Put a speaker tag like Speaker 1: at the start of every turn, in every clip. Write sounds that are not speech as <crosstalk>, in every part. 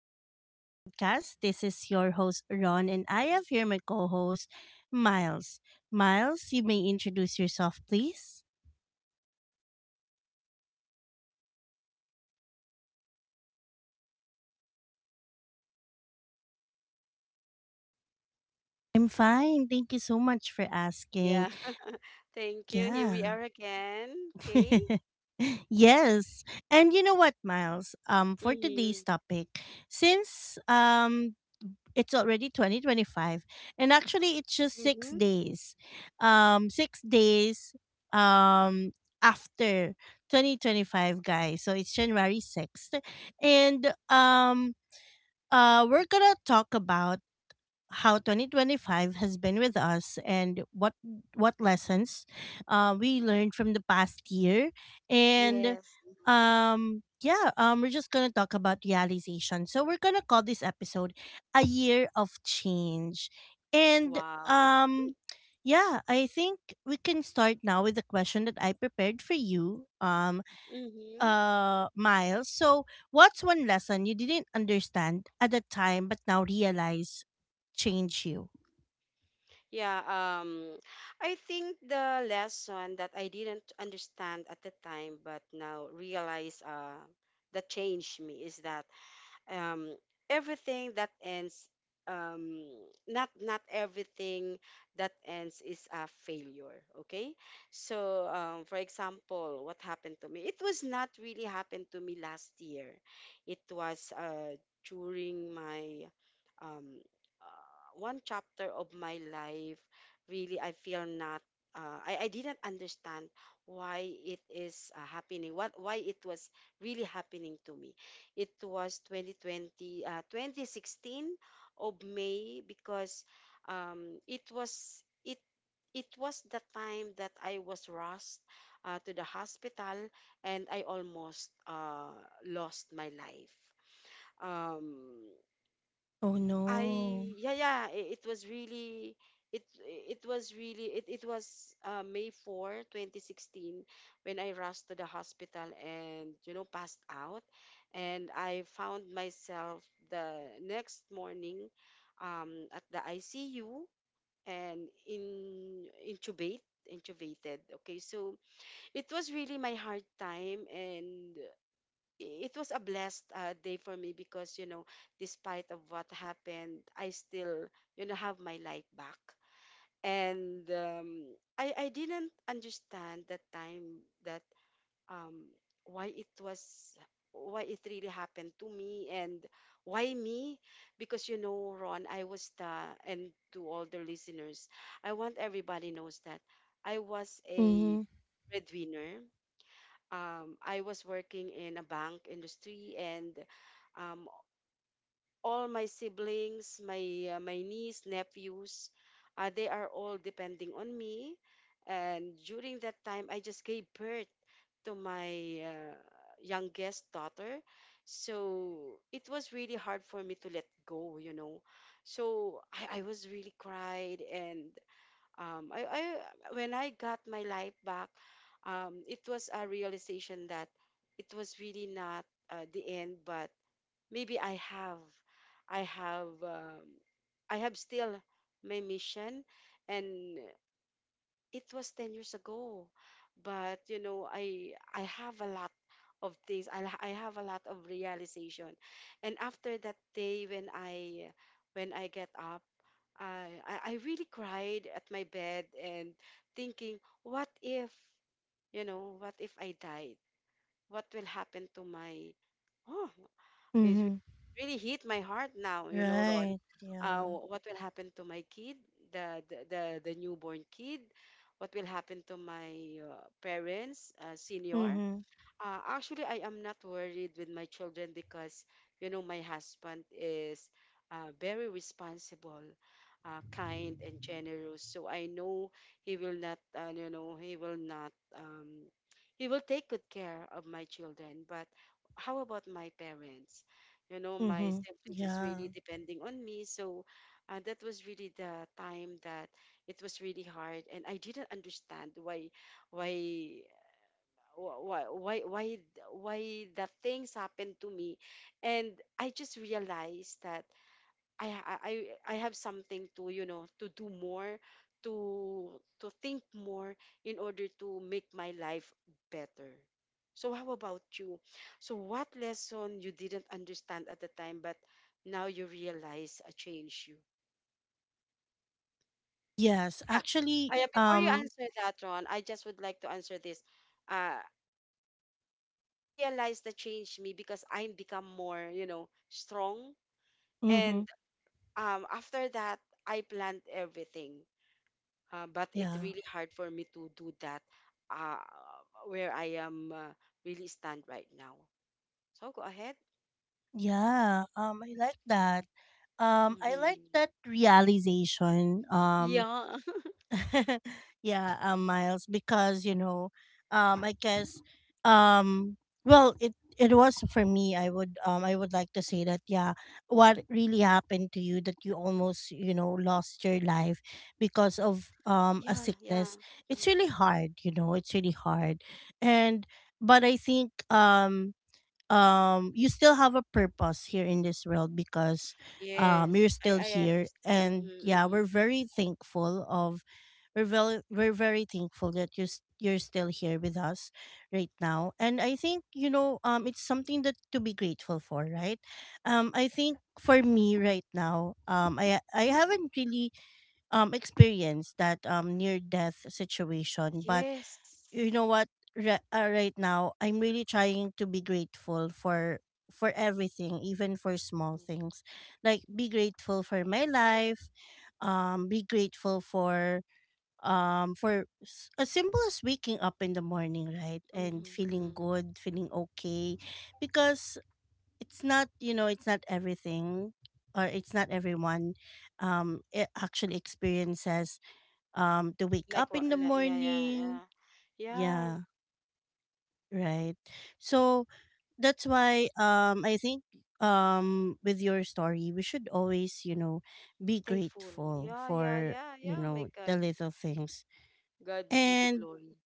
Speaker 1: Unfiltered Growth Podcast. This is your host, Ron, and I have here my co host, Miles. Miles, you may introduce yourself, please.
Speaker 2: Hello, everyone. So this is Miles. So I will be your co-host for today for this podcast. So how are you, Ron?
Speaker 1: I'm fine. Thank you so much for asking.
Speaker 2: Yeah. <laughs> Thank you. Here we
Speaker 1: Yeah.
Speaker 2: are again. Okay.
Speaker 1: <laughs> yes. And you know what, Miles? For today's
Speaker 2: Mhm.
Speaker 1: topic, since it's already 2025, and actually it's just six
Speaker 2: Mhm.
Speaker 1: days 6 days um after 2025, guys, so it's January 6th. And we're gonna talk about how 2025 has been with us and what lessons we learned from the past year. And
Speaker 2: Yes.
Speaker 1: yeah we're just gonna talk about realization, so we're gonna call this episode a year of change. And
Speaker 2: Wow.
Speaker 1: yeah, I think we can start now with the question that I prepared for you um
Speaker 2: Mhm.
Speaker 1: uh Miles. So what's one lesson you didn't understand at the time but now realize changed you?
Speaker 2: Yeah. I think the lesson that I didn't understand at the time, but now realize that changed me is that um, everything that ends um not everything that ends is a failure. Okay, so for example, what happened to me, it was not really happened to me last year. It was during my um one chapter of my life. Really, I feel not. I didn't understand why it is happening. What Why it was really happening to me? It was 2020 uh, 2016 of May because um, it was it it was the time that I was rushed to the hospital, and I almost lost my life. Um,
Speaker 1: Oh
Speaker 2: I
Speaker 1: no.
Speaker 2: Yeah, yeah, it was May 4, 2016 when I rushed to the hospital and passed out, and I found myself the next morning at the ICU and in intubated. Okay, so it was really my hard time, and it was a blessed day for me because despite of what happened, I still have my light back. And I didn't understand that time that um, why it was why it really happened to me, and why me? Because, Ron, I was the and to all the listeners, I want everybody knows that I was a
Speaker 1: Mm-hmm.
Speaker 2: breadwinner. I was working in a bank industry, and um, all my siblings, my niece, nephews, they are all depending on me. And during that time, I just gave birth to my youngest daughter. So it was really hard for me to let go. So I was really cried, and I when I got my life back, it was a realization that it was really not the end, but maybe I have, um, I have still my mission, and it was 10 years ago. But I have a lot of things. I have a lot of realization. And after that day, when I get up, I really cried at my bed and thinking, what if I died? What will happen to my, oh, is
Speaker 1: Mm-hmm.
Speaker 2: really hit my heart now, you know, Ron.
Speaker 1: Right,
Speaker 2: Uh,
Speaker 1: yeah.
Speaker 2: what will happen to my kid, the newborn kid? What will happen to my parents, senior?
Speaker 1: Mm-hmm.
Speaker 2: Actually, I am not worried with my children because, my husband is very responsible, kind, and generous. So I know he will not, he will take good care of my children. But how about my parents? My
Speaker 1: Mm-hmm.
Speaker 2: siblings is
Speaker 1: Yeah.
Speaker 2: really depending on me. So that was really the time that it was really hard, and I didn't understand why why why why why the things happen to me. And I just realized that I ha- I have something to, to do more, to think more in order to make my life better. So how about you? So what lesson you didn't understand at the time, but now you realize changed you?
Speaker 1: yes
Speaker 2: Yeah.
Speaker 1: actually
Speaker 2: Before you
Speaker 1: um
Speaker 2: answer that, Ron, I just would like to answer this. Uh, it really I realized that changed me because I become more, strong.
Speaker 1: mm-hmm,
Speaker 2: And after that, I planned everything. But it's
Speaker 1: yeah,
Speaker 2: really hard for me to do that uh where I am really stand right now. So go ahead.
Speaker 1: yeah. I like that. I like
Speaker 2: Hmm.
Speaker 1: that realization.
Speaker 2: Yeah. <laughs>
Speaker 1: <laughs> Yeah, Miles, because you know, um, I guess, um, well, it was for me. I would like to say that yeah, what really happened to you, that you almost, you know, lost your life
Speaker 2: Yeah,
Speaker 1: because of
Speaker 2: yeah.
Speaker 1: a
Speaker 2: Mm.
Speaker 1: sickness. It's really hard, you know. It's really hard. And but I think you still have a purpose here in this world, because
Speaker 2: Yes,
Speaker 1: you're
Speaker 2: I
Speaker 1: still
Speaker 2: I
Speaker 1: here.
Speaker 2: understand.
Speaker 1: And
Speaker 2: Mm-hmm,
Speaker 1: yeah,
Speaker 2: mm-hmm.
Speaker 1: we're very thankful that you're you're still here with us right now. And I think, you know, it's something that to be grateful for, right? I think for me right now, I haven't really experienced that near death situation, but you
Speaker 2: Yes.
Speaker 1: know what? Right
Speaker 2: It was
Speaker 1: now I'm
Speaker 2: hard.
Speaker 1: really trying
Speaker 2: Mm-hmm,
Speaker 1: to be grateful for everything, even for small things. Like, be grateful for my life, be grateful for as simple as waking up in the morning, right? And
Speaker 2: mm-hmm,
Speaker 1: feeling
Speaker 2: mm-hmm.
Speaker 1: good, feeling okay, because it's not, you know, it's not everything, or it's not everyone it actually experiences to wake up
Speaker 2: Like what?
Speaker 1: in the
Speaker 2: Like, yeah, yeah,
Speaker 1: morning.
Speaker 2: yeah, yeah.
Speaker 1: Yeah, right. So that's why I think with your story, we should always, you know, be
Speaker 2: Thankful.
Speaker 1: grateful
Speaker 2: Yeah, yeah,
Speaker 1: for,
Speaker 2: yeah,
Speaker 1: you
Speaker 2: yeah. My
Speaker 1: know, the
Speaker 2: God,
Speaker 1: little things.
Speaker 2: God be the
Speaker 1: And
Speaker 2: glory.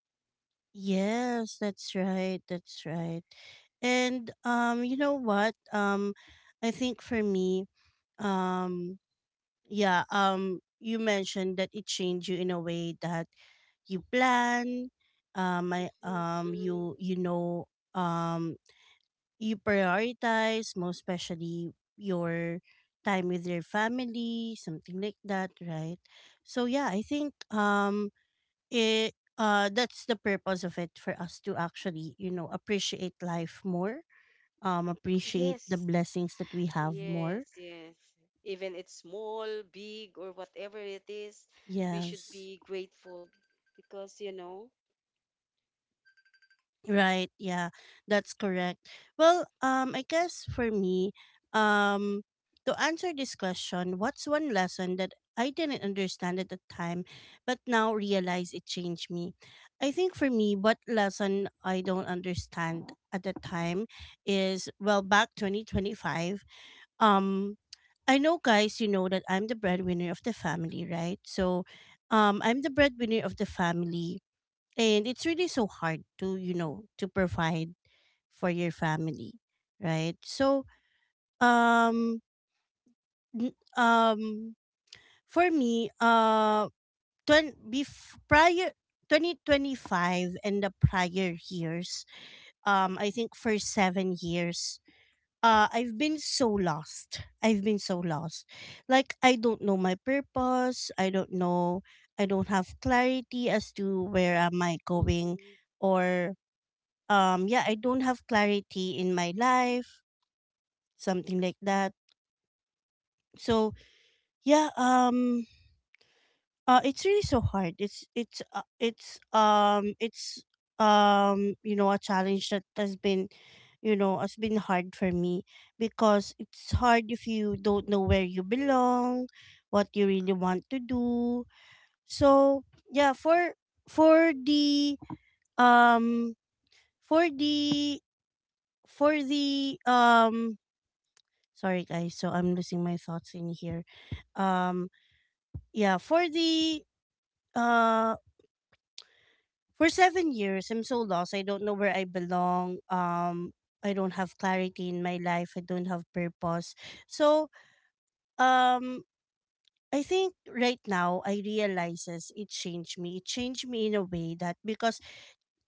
Speaker 1: yes, that's right. That's right. And you know what? I think for me um yeah, you mentioned that it changed you in a way that you plan. I,
Speaker 2: Mm-hmm.
Speaker 1: you you know um you prioritize, most especially, your time with your family, something like that, right? So yeah, I think it that's the purpose of it, for us to actually, you know, appreciate life more,
Speaker 2: Yes,
Speaker 1: appreciate the blessings that we have
Speaker 2: yes,
Speaker 1: more.
Speaker 2: yes. Even it's small, big, or whatever it is, we should
Speaker 1: Yes,
Speaker 2: be grateful because you know.
Speaker 1: right, yeah, that's correct. Well, I guess for me, um to answer this question, what's one lesson that I didn't understand at the time but now realize it changed me? I think for me, what lesson I don't understand at the time is, well, back 2025, um I know, guys, you know, that I'm the breadwinner of the family, right? So
Speaker 2: Yes,
Speaker 1: I'm the
Speaker 2: yes,
Speaker 1: breadwinner of the family, and it's really so hard to, you know, to provide for your family, right? So
Speaker 2: yes. True.
Speaker 1: um n- um for me, prior 2025 and the prior years, I think for 7 years I've been so lost. I've been so lost. Like, I don't
Speaker 2: Mm-hmm.
Speaker 1: know my purpose. I don't know. I don't have clarity as to where am I going,
Speaker 2: Mm-hmm.
Speaker 1: or yeah, I don't have clarity in my life, something like that. So, yeah, it's really so hard. It's you know, a challenge that has been, you
Speaker 2: Mm-hmm.
Speaker 1: know, has been hard for me, because it's hard if you don't know where you belong, what you really want to do. So yeah, for the um for the for the sorry guys, so I'm losing my thoughts in here. Um yeah, for the uh for 7 years, I'm so lost. I don't know where I belong. I don't have clarity in my life. I don't have
Speaker 2: Yes,
Speaker 1: purpose.
Speaker 2: yes. That is
Speaker 1: So,
Speaker 2: correct.
Speaker 1: um, I think right now I realizes it changed me. It changed me in a way that, because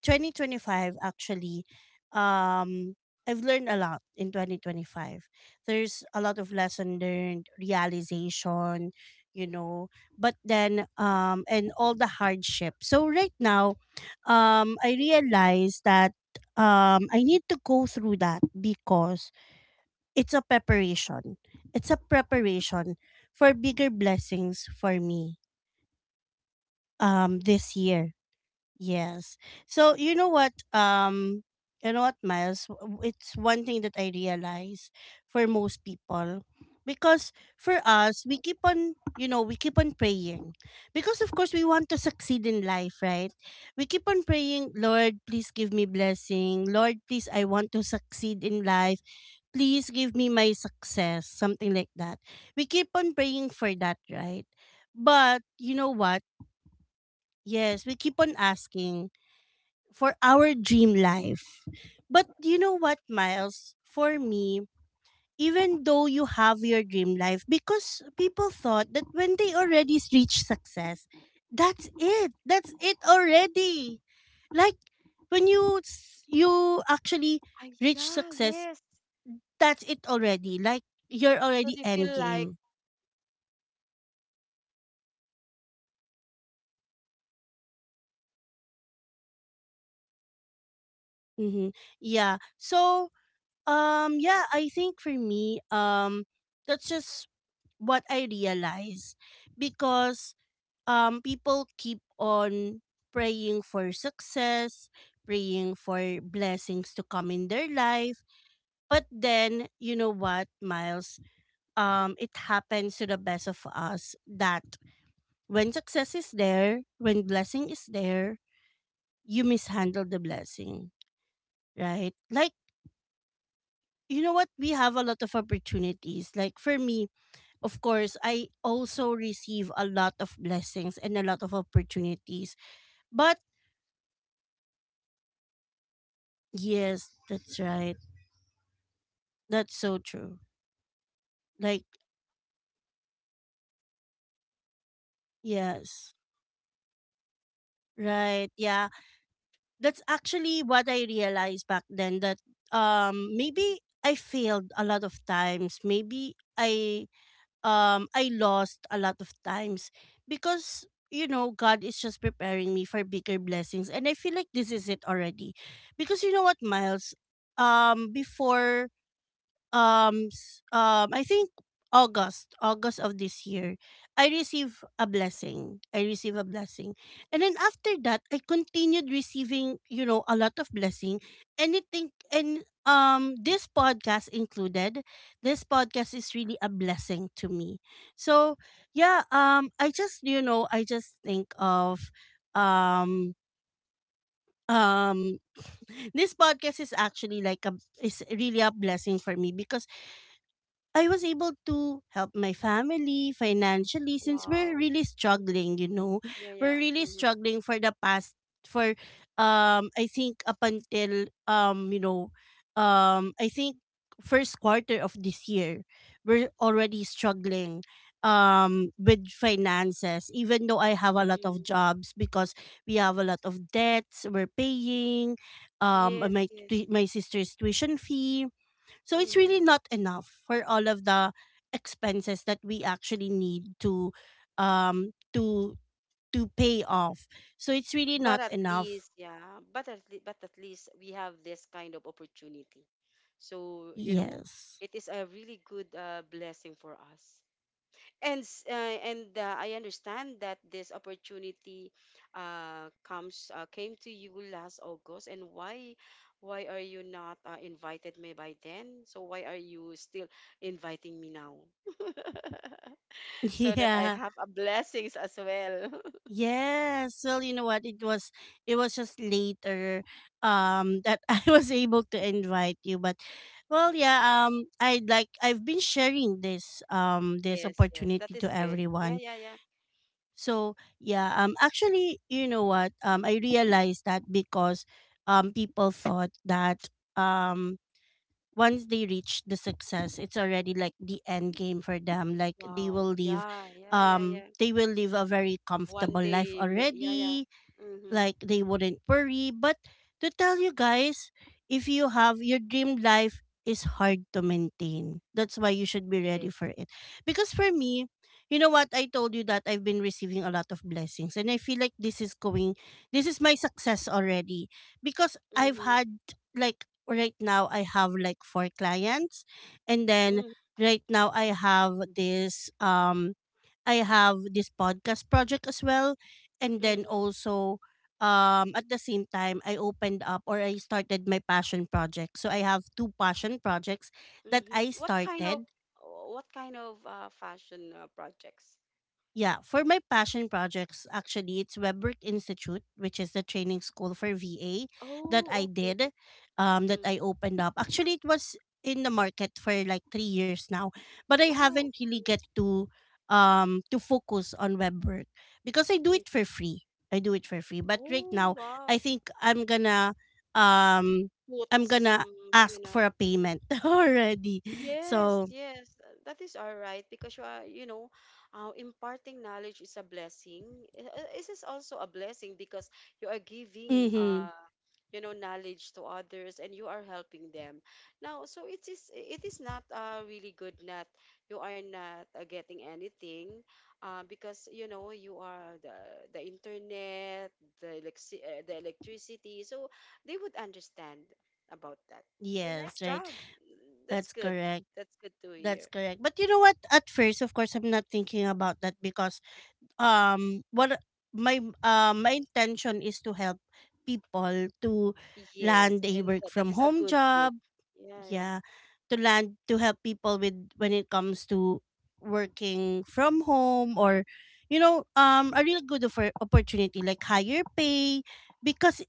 Speaker 1: 2025, actually, um I've learned a lot in 2025. There's a lot of lesson learned, realization, you know, but then and all the hardship. So right now, I realize that I need to go through that because it's a preparation. It's a preparation for
Speaker 2: Ah,
Speaker 1: bigger
Speaker 2: yeah.
Speaker 1: blessings
Speaker 2: Yes,
Speaker 1: for me
Speaker 2: yes. Yeah. That is
Speaker 1: this
Speaker 2: correct.
Speaker 1: year. Yes. So you know what, Miles? It's one thing that I realize, for most people, because for us, we keep on, you know, we keep on praying, because of course we want to succeed in life, right? We keep on
Speaker 2: Mm-hmm.
Speaker 1: praying, Lord, please give me blessing. Lord, please, I want to succeed in life. Please give
Speaker 2: Yes.
Speaker 1: me my
Speaker 2: Mm.
Speaker 1: success, something like that. We keep on praying for that, right?
Speaker 2: For
Speaker 1: But you know
Speaker 2: asking.
Speaker 1: what?
Speaker 2: Yes, yes.
Speaker 1: Yes, we keep
Speaker 2: Asking and
Speaker 1: on asking
Speaker 2: asking.
Speaker 1: for
Speaker 2: Mm-hmm.
Speaker 1: our dream life. But you know what, Miles? For me, even though you have your dream life, because people thought that when they already reach success, that's it. That's it already. Like, when you actually
Speaker 2: Ah,
Speaker 1: reach
Speaker 2: yeah,
Speaker 1: success,
Speaker 2: yes.
Speaker 1: that's it already. Like, you're
Speaker 2: So
Speaker 1: already
Speaker 2: they
Speaker 1: end
Speaker 2: feel like,
Speaker 1: game.
Speaker 2: mm-hmm, yeah. So they feel like they are did it successful in that. Ooh, yeah.
Speaker 1: Mm-hmm. Yeah. So yeah, I think for me that's just what I realize, because people keep on praying for success, praying for blessings to come in their life.
Speaker 2: Yes, yes,
Speaker 1: But
Speaker 2: yes.
Speaker 1: then, you know what, Miles? It happens to the best of us that when success is there, when blessing is there, you mishandle the blessing,
Speaker 2: Oh
Speaker 1: right?
Speaker 2: yeah, that
Speaker 1: Like,
Speaker 2: is correct. Yeah.
Speaker 1: you know what? We have a lot of opportunities. Like, for me, of course, I also receive a lot of blessings and a lot of
Speaker 2: Blessings.
Speaker 1: opportunities.
Speaker 2: Correct, correct.
Speaker 1: But
Speaker 2: But you have to handle them properly. Yeah, I agree
Speaker 1: yes,
Speaker 2: with
Speaker 1: that's
Speaker 2: you.
Speaker 1: right.
Speaker 2: Yeah, yeah. That's
Speaker 1: That's
Speaker 2: correct,
Speaker 1: so
Speaker 2: Ron.
Speaker 1: true.
Speaker 2: I am
Speaker 1: Like,
Speaker 2: now realizing it. Dun you? <laughs> I am thinking of
Speaker 1: yes.
Speaker 2: it, <laughs> actually. Yeah,
Speaker 1: Right.
Speaker 2: that is
Speaker 1: Yeah.
Speaker 2: correct. Hmm.
Speaker 1: That's actually what I realized back then, that maybe I failed a lot of times. Maybe I lost a lot of times, because you know, God is just preparing me for bigger blessings, and I feel like this is it already. Because you know what,
Speaker 2: Yes.
Speaker 1: Miles, um before I think August, August of this year, I receive a blessing. I receive a blessing. And then after that, I
Speaker 2: Wow.
Speaker 1: continued receiving, you know, a lot of blessing. And I think, and this podcast included, this podcast is really a blessing to me. So, yeah, I just, you know, I just think of um um <laughs> this podcast is actually like a is really a blessing for me because I was able to help my family financially, since we're
Speaker 2: Wow.
Speaker 1: really
Speaker 2: Hmm.
Speaker 1: struggling, you know.
Speaker 2: Yeah,
Speaker 1: We're
Speaker 2: yeah.
Speaker 1: really
Speaker 2: Hmm.
Speaker 1: struggling for the past, for I think up until, I think first quarter of this year, we're already struggling with finances, even though I have a lot of
Speaker 2: Hmm.
Speaker 1: jobs, because we have a lot of debts we're paying,
Speaker 2: Yes, yes.
Speaker 1: my sister's tuition fee, so it's
Speaker 2: Hmm.
Speaker 1: really not enough for all of the expenses that we actually need to um to to pay off. So it's really
Speaker 2: But
Speaker 1: not
Speaker 2: at
Speaker 1: enough.
Speaker 2: least, yeah. But at least, we have this kind of opportunity. So,
Speaker 1: Yes.
Speaker 2: it is a really good blessing for us. And s- and I understand that this opportunity comes came to you last August. And why are you not invited me by then? So why are you still inviting me now? <laughs>
Speaker 1: <laughs>
Speaker 2: so that I
Speaker 1: Yeah.
Speaker 2: have a blessings as well. <laughs>
Speaker 1: Yes. Well, you know what? It was just later that <laughs> I was able to invite you. But well yeah, I like, I've been sharing this this
Speaker 2: Yes, yes,
Speaker 1: opportunity
Speaker 2: that
Speaker 1: to
Speaker 2: is good. Yeah,
Speaker 1: everyone.
Speaker 2: yeah, yeah.
Speaker 1: So yeah, actually, you know what? I realized that, because people thought that um, once they reach the success, it's already like the end game for them. Like,
Speaker 2: Wow. Yeah, yeah, yeah, yeah.
Speaker 1: they will live a very
Speaker 2: One
Speaker 1: comfortable life
Speaker 2: day, yeah, yeah.
Speaker 1: already,
Speaker 2: Mhm.
Speaker 1: like they wouldn't worry. But to tell you guys, if you have your dream life, is hard to maintain. That's why you should be ready for
Speaker 2: Yes.
Speaker 1: it. Because for me, you know what? I told you that I've been receiving a lot of blessings, and I feel like this is my success already, because I've
Speaker 2: Mhm.
Speaker 1: had, like, right now, I have like four clients, and then
Speaker 2: Mhm.
Speaker 1: right now I have this podcast project as well. And then
Speaker 2: Mhm.
Speaker 1: also, at the same time, I opened up, or I started my passion project. So I have two passion projects that
Speaker 2: Hmm.
Speaker 1: I
Speaker 2: What kind of
Speaker 1: started.
Speaker 2: what kind of fashion projects?
Speaker 1: Yeah, for my passion projects, actually, it's Webwork Institute, which is the training school for VA that
Speaker 2: Oh,
Speaker 1: I
Speaker 2: okay.
Speaker 1: did, that I
Speaker 2: Mm.
Speaker 1: opened up. Actually, it was in the market for like 3 years now, but I
Speaker 2: Wow.
Speaker 1: haven't really
Speaker 2: Mm.
Speaker 1: get to focus on Webwork, because I do it
Speaker 2: Okay.
Speaker 1: for free. I do it for free, but right
Speaker 2: Oh,
Speaker 1: now I
Speaker 2: wow.
Speaker 1: think um
Speaker 2: Put
Speaker 1: I'm gonna
Speaker 2: some, you
Speaker 1: ask
Speaker 2: know.
Speaker 1: for a
Speaker 2: Mm.
Speaker 1: payment <laughs> already.
Speaker 2: Yes,
Speaker 1: So,
Speaker 2: yes, that is all right because you are, imparting knowledge is a blessing. This is also a blessing because you are giving,
Speaker 1: mm-hmm,
Speaker 2: knowledge to others, and you are helping them. Now, so it is not really good that you are not getting anything, because you are the the internet, the electricity, so they would understand about that. So nice
Speaker 1: yes, right,
Speaker 2: job. That's
Speaker 1: that's
Speaker 2: good.
Speaker 1: correct.
Speaker 2: That's good to
Speaker 1: That's
Speaker 2: hear.
Speaker 1: correct. But you know what? At first, of course, I'm not thinking about that because what my intention is to help people to
Speaker 2: Yes,
Speaker 1: land a
Speaker 2: and
Speaker 1: work
Speaker 2: that
Speaker 1: from
Speaker 2: is a
Speaker 1: home
Speaker 2: good deed.
Speaker 1: job.
Speaker 2: Yeah, yeah.
Speaker 1: Yeah, to land to help people with when it comes to working from home or you know a really good offer, opportunity like higher pay because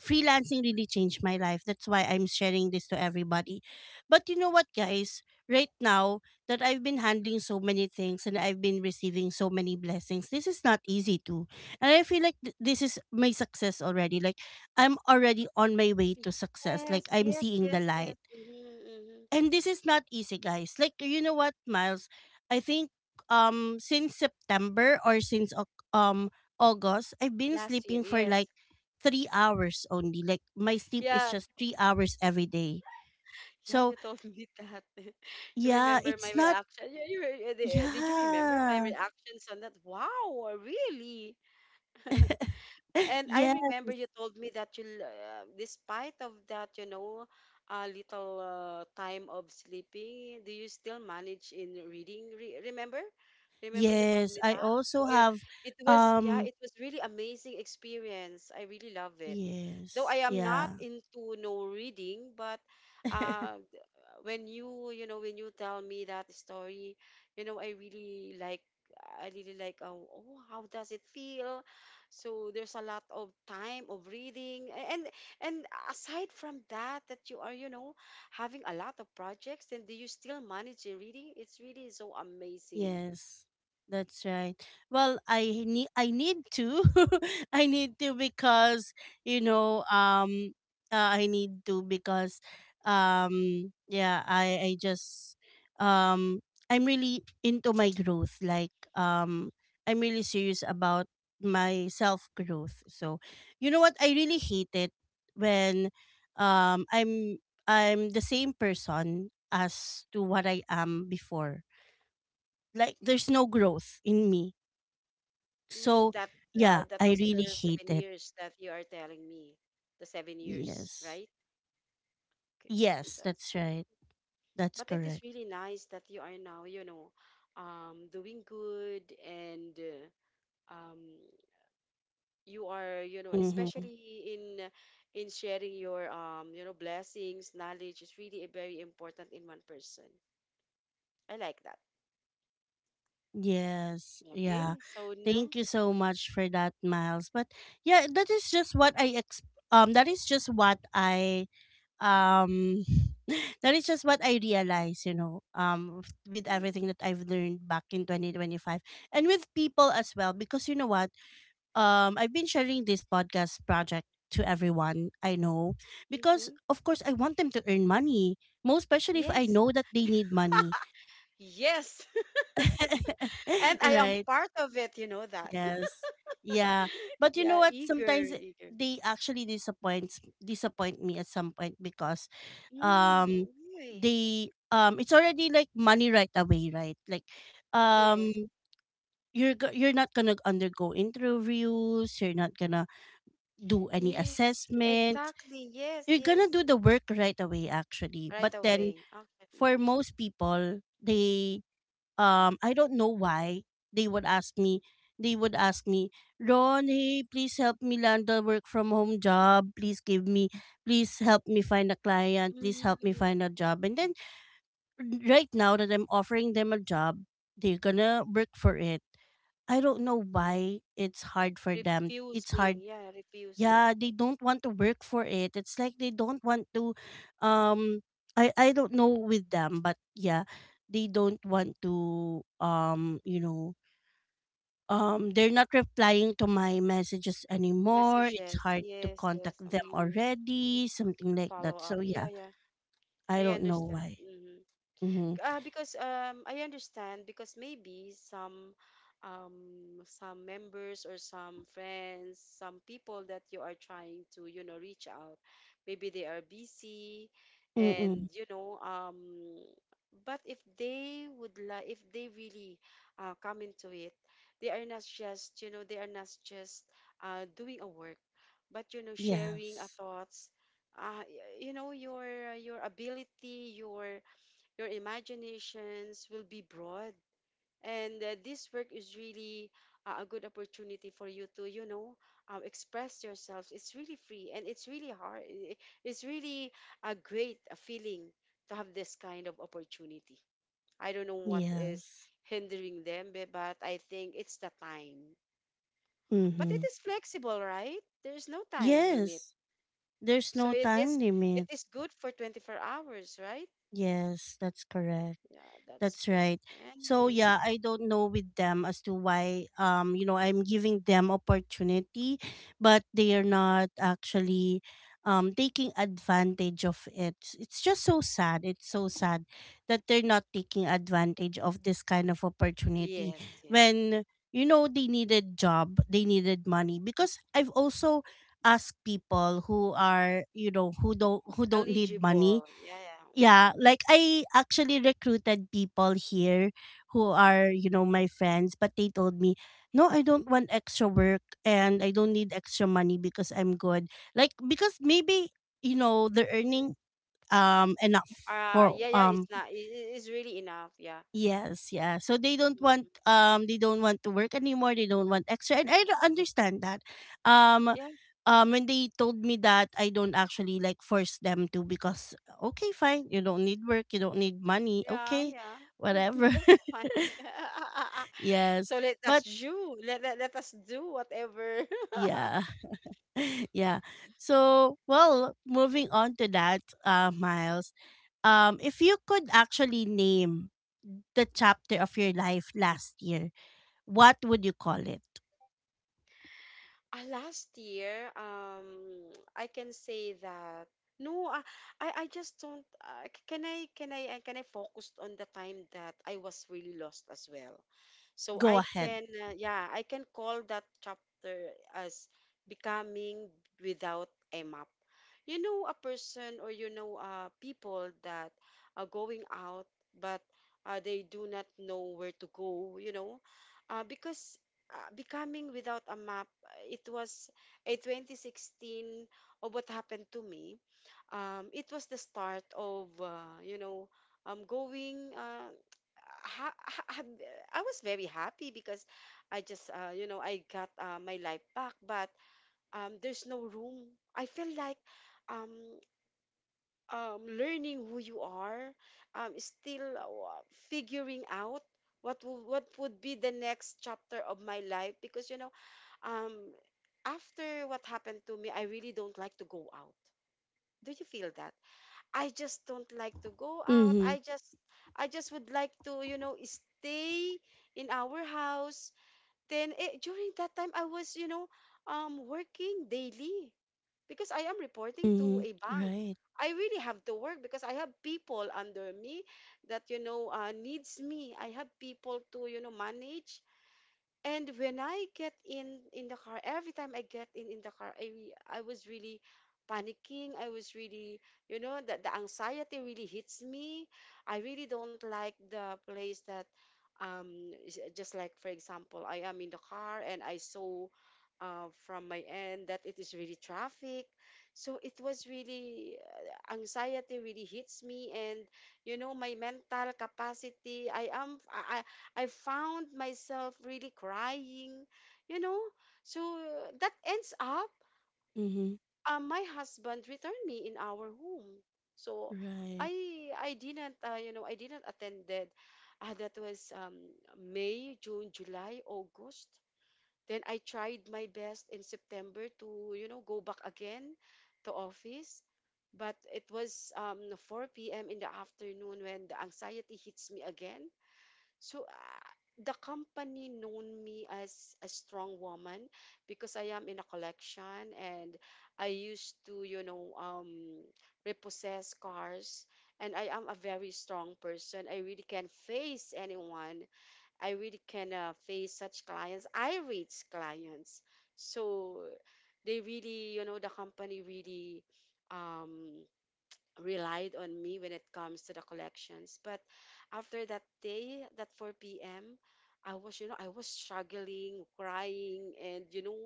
Speaker 1: freelancing really changed my life. That's why I'm sharing this to everybody. But you know what, guys? Right now that I've been handling so many things and I've been receiving so many blessings, this is not easy too. And I feel like this is my success already, like I'm already on my way to success,
Speaker 2: Yes,
Speaker 1: like I'm
Speaker 2: yes,
Speaker 1: seeing the
Speaker 2: yes,
Speaker 1: light.
Speaker 2: yes. Mm-hmm, mm-hmm.
Speaker 1: And this is not easy, guys. Like, you know what, Miles? I think since September or since August I've been
Speaker 2: Last year,
Speaker 1: sleeping for like
Speaker 2: yes.
Speaker 1: 3 hours only. Like my sleep is
Speaker 2: Yeah,
Speaker 1: just 3 hours every day.
Speaker 2: yeah,
Speaker 1: So
Speaker 2: you told me that. <laughs> You
Speaker 1: yeah,
Speaker 2: remember my
Speaker 1: it's not.
Speaker 2: reaction? Did you remember my
Speaker 1: Yeah.
Speaker 2: reactions on that? Wow, really? <laughs> And I
Speaker 1: Yes,
Speaker 2: remember you told me that despite of that, a little time of sleeping, do you still manage in reading? Re remember? Remember you told
Speaker 1: yes,
Speaker 2: me
Speaker 1: I
Speaker 2: that?
Speaker 1: also have
Speaker 2: It was, yeah,
Speaker 1: um
Speaker 2: it was really amazing experience. I really love it though I
Speaker 1: yes,
Speaker 2: am not
Speaker 1: yeah.
Speaker 2: into no reading, but uh,
Speaker 1: <laughs>
Speaker 2: th- when you tell me that story, I really like. I really like oh, how does it feel? So there's a lot of time of reading. And aside from that you are having a lot of projects, then do you still manage your reading? It's really so amazing.
Speaker 1: Yes, that's right. Well, I need to, <laughs> I need to because you know I need to because yeah, I just um I'm really into my growth, like I'm really serious about my self growth. So you know what, I really hate it when um I'm I'm the same person as to what I am before, like there's no growth in me.
Speaker 2: Mm,
Speaker 1: So
Speaker 2: that uh,
Speaker 1: yeah,
Speaker 2: that
Speaker 1: I
Speaker 2: was
Speaker 1: really
Speaker 2: your
Speaker 1: hate
Speaker 2: seven
Speaker 1: it.
Speaker 2: years that you are telling me, the 7 years,
Speaker 1: Yes.
Speaker 2: right? Okay,
Speaker 1: Yes,
Speaker 2: that's
Speaker 1: that's right. That's
Speaker 2: but it
Speaker 1: correct.
Speaker 2: is really nice that you are now, doing good and uh, um, you are,
Speaker 1: Mm-hmm.
Speaker 2: especially in sharing your blessings. Knowledge is really very important in one person. I like that.
Speaker 1: Yes. Yeah.
Speaker 2: Okay, so now.
Speaker 1: Thank you so much for that, Miles. But yeah, that is just what that is just what I um <laughs> that is just what I realize, you know, with everything
Speaker 2: Mm-hmm.
Speaker 1: that I've learned back in 2025 and with people as well because you know what, I've been sharing this podcast project to everyone I know because
Speaker 2: Mm-hmm.
Speaker 1: of course I want them to earn money, most especially if I
Speaker 2: Yes,
Speaker 1: know that they need money.
Speaker 2: yes, <laughs>
Speaker 1: <laughs>
Speaker 2: and I am
Speaker 1: Right?
Speaker 2: part of it. You know that. <laughs>
Speaker 1: Yes. Yeah. But you know
Speaker 2: Yeah,
Speaker 1: what?
Speaker 2: eager,
Speaker 1: Sometimes
Speaker 2: eager.
Speaker 1: they actually disappoint me at some point because
Speaker 2: Mm,
Speaker 1: um
Speaker 2: why?
Speaker 1: they it's already like money right away, right? Like um
Speaker 2: Yes.
Speaker 1: you're not gonna undergo interviews, you're not gonna do any
Speaker 2: Yes,
Speaker 1: assessment,
Speaker 2: exactly. Yes,
Speaker 1: you're gonna
Speaker 2: yes.
Speaker 1: do the work right away actually,
Speaker 2: Right
Speaker 1: but then
Speaker 2: away. Okay.
Speaker 1: for most people they I don't know why, they would ask me they would ask me, "Ron, hey, please help me land a work from home job. Please give me, please help me find a client, please
Speaker 2: Mm-hmm.
Speaker 1: help me
Speaker 2: Mm-hmm.
Speaker 1: find a job." And then right now that I'm offering them a job, they're gonna work for it. I don't know why it's hard for them. It's
Speaker 2: Refusing.
Speaker 1: hard.
Speaker 2: Yeah, refusing.
Speaker 1: Yeah, they don't want to work for it. It's like they don't want to um I don't know with them, but yeah, they don't want to you know, they're not replying to my messages anymore. It's
Speaker 2: Messages.
Speaker 1: hard to
Speaker 2: Yes,
Speaker 1: contact
Speaker 2: yes.
Speaker 1: them
Speaker 2: Mm-hmm. Mm-hmm.
Speaker 1: already, something like that.
Speaker 2: Follow up.
Speaker 1: So
Speaker 2: Yeah,
Speaker 1: yeah,
Speaker 2: yeah.
Speaker 1: I
Speaker 2: I
Speaker 1: don't know
Speaker 2: understand.
Speaker 1: why.
Speaker 2: Mm-hmm.
Speaker 1: Mm-hmm.
Speaker 2: Because I understand because maybe some members or some friends, some people that you are trying to, reach out, maybe they are busy.
Speaker 1: Mm-mm.
Speaker 2: And but if they really come into it, they are not just doing a work, but sharing a
Speaker 1: Yes,
Speaker 2: thoughts. Your ability, your imaginations will be broad. And this work is really a good opportunity for you to, express yourselves. It's really free and it's really hard. It's really a great feeling to have this kind of opportunity. I don't know what is
Speaker 1: yes.
Speaker 2: hindering them, but I think it's the time. But it
Speaker 1: Mm-hmm.
Speaker 2: is flexible, right? There's no time limit.
Speaker 1: Yes. There's
Speaker 2: So
Speaker 1: no
Speaker 2: it is
Speaker 1: time
Speaker 2: it
Speaker 1: limit.
Speaker 2: is good for 24 hours, right?
Speaker 1: Yes, that's correct.
Speaker 2: Yeah, that's
Speaker 1: That's
Speaker 2: good.
Speaker 1: right.
Speaker 2: And
Speaker 1: So
Speaker 2: yeah.
Speaker 1: yeah, I don't know with them as to why you know I'm giving them opportunity, but they are not actually taking advantage of it. It's just so sad. It's so sad that they're not taking advantage of this kind of opportunity
Speaker 2: Yes, yes.
Speaker 1: when you know they needed job, they needed money because I've also asked people who are, you know, who don't need money.
Speaker 2: Eligible. Yeah, yeah. Mm.
Speaker 1: Yeah, like I actually recruited people here who are, you know, my friends, but they told me, "No, I don't want extra work and I don't need extra money because I'm good." Like, because maybe, you know, they're earning enough for
Speaker 2: Yeah, yeah, it's not, it's really enough. Yeah.
Speaker 1: yes, yeah. So
Speaker 2: Mhm.
Speaker 1: they don't want to work anymore. They don't want extra, and I don't understand that. Um,
Speaker 2: Yeah,
Speaker 1: when they told me that, I don't actually like force them to because okay, fine, you don't need work, you don't need money,
Speaker 2: yeah,
Speaker 1: okay,
Speaker 2: yeah. <laughs>
Speaker 1: whatever.
Speaker 2: That's
Speaker 1: <laughs>
Speaker 2: fine. <laughs>
Speaker 1: Yes,
Speaker 2: So let us
Speaker 1: but
Speaker 2: do, let, let, let us do whatever. <laughs>
Speaker 1: yeah, <laughs> yeah. So well, moving on to that, Miles. If you could actually name the chapter of your life last year, what would you call it?
Speaker 2: Last year, I can say that no, I, I just don't. Can I focus on the time that I was really lost as well? So
Speaker 1: Go
Speaker 2: I
Speaker 1: ahead.
Speaker 2: can, yeah, I can call that chapter as becoming without a map. A person or people that are going out, but they do not know where to go. Because becoming without a map, it was a 2016 of what happened to me. It was the start of going I was very happy because I just I got my life back, but there's no room. I feel like um, learning who you are, still figuring out what would be the next chapter of my life, because um, after what happened to me, I really don't like to go out. Do you feel that? I just don't like to go out.
Speaker 1: Mm-hmm.
Speaker 2: I just would like to, you know, stay in our house. Then during that time I was, working daily because I am reporting to
Speaker 1: Mm-hmm.
Speaker 2: a bank.
Speaker 1: Right.
Speaker 2: I really have to work because I have people under me that needs me. I have people to, you know, manage. And when I get in the car, every time I get in the car, I was really panicking. I was really, you know, that the anxiety really hits me. I really don't like the place that, just like for example, I am in the car and I saw, from my end that it is really traffic. So it was really anxiety really hits me, and you know, my mental capacity. I am I found myself really crying, you know. So that ends up
Speaker 1: Mm-hmm.
Speaker 2: my husband returned me in our home. So I
Speaker 1: Right.
Speaker 2: I didn't I didn't attend that. That was May, June, July, August. Then I tried my best in September to, you know, go back again to office. But it was 4 p.m. in the afternoon when the anxiety hits me again. So the company known me as a strong woman because I am in a collection, and I used to, you know, repossess cars. And I am a very strong person. I really can face anyone. I really can, face such clients. I reach clients. So they really, you know, the company really um, relied on me when it comes to the collections. But after that day, that 4 p.m., I was, you know, I was struggling, crying, and you know,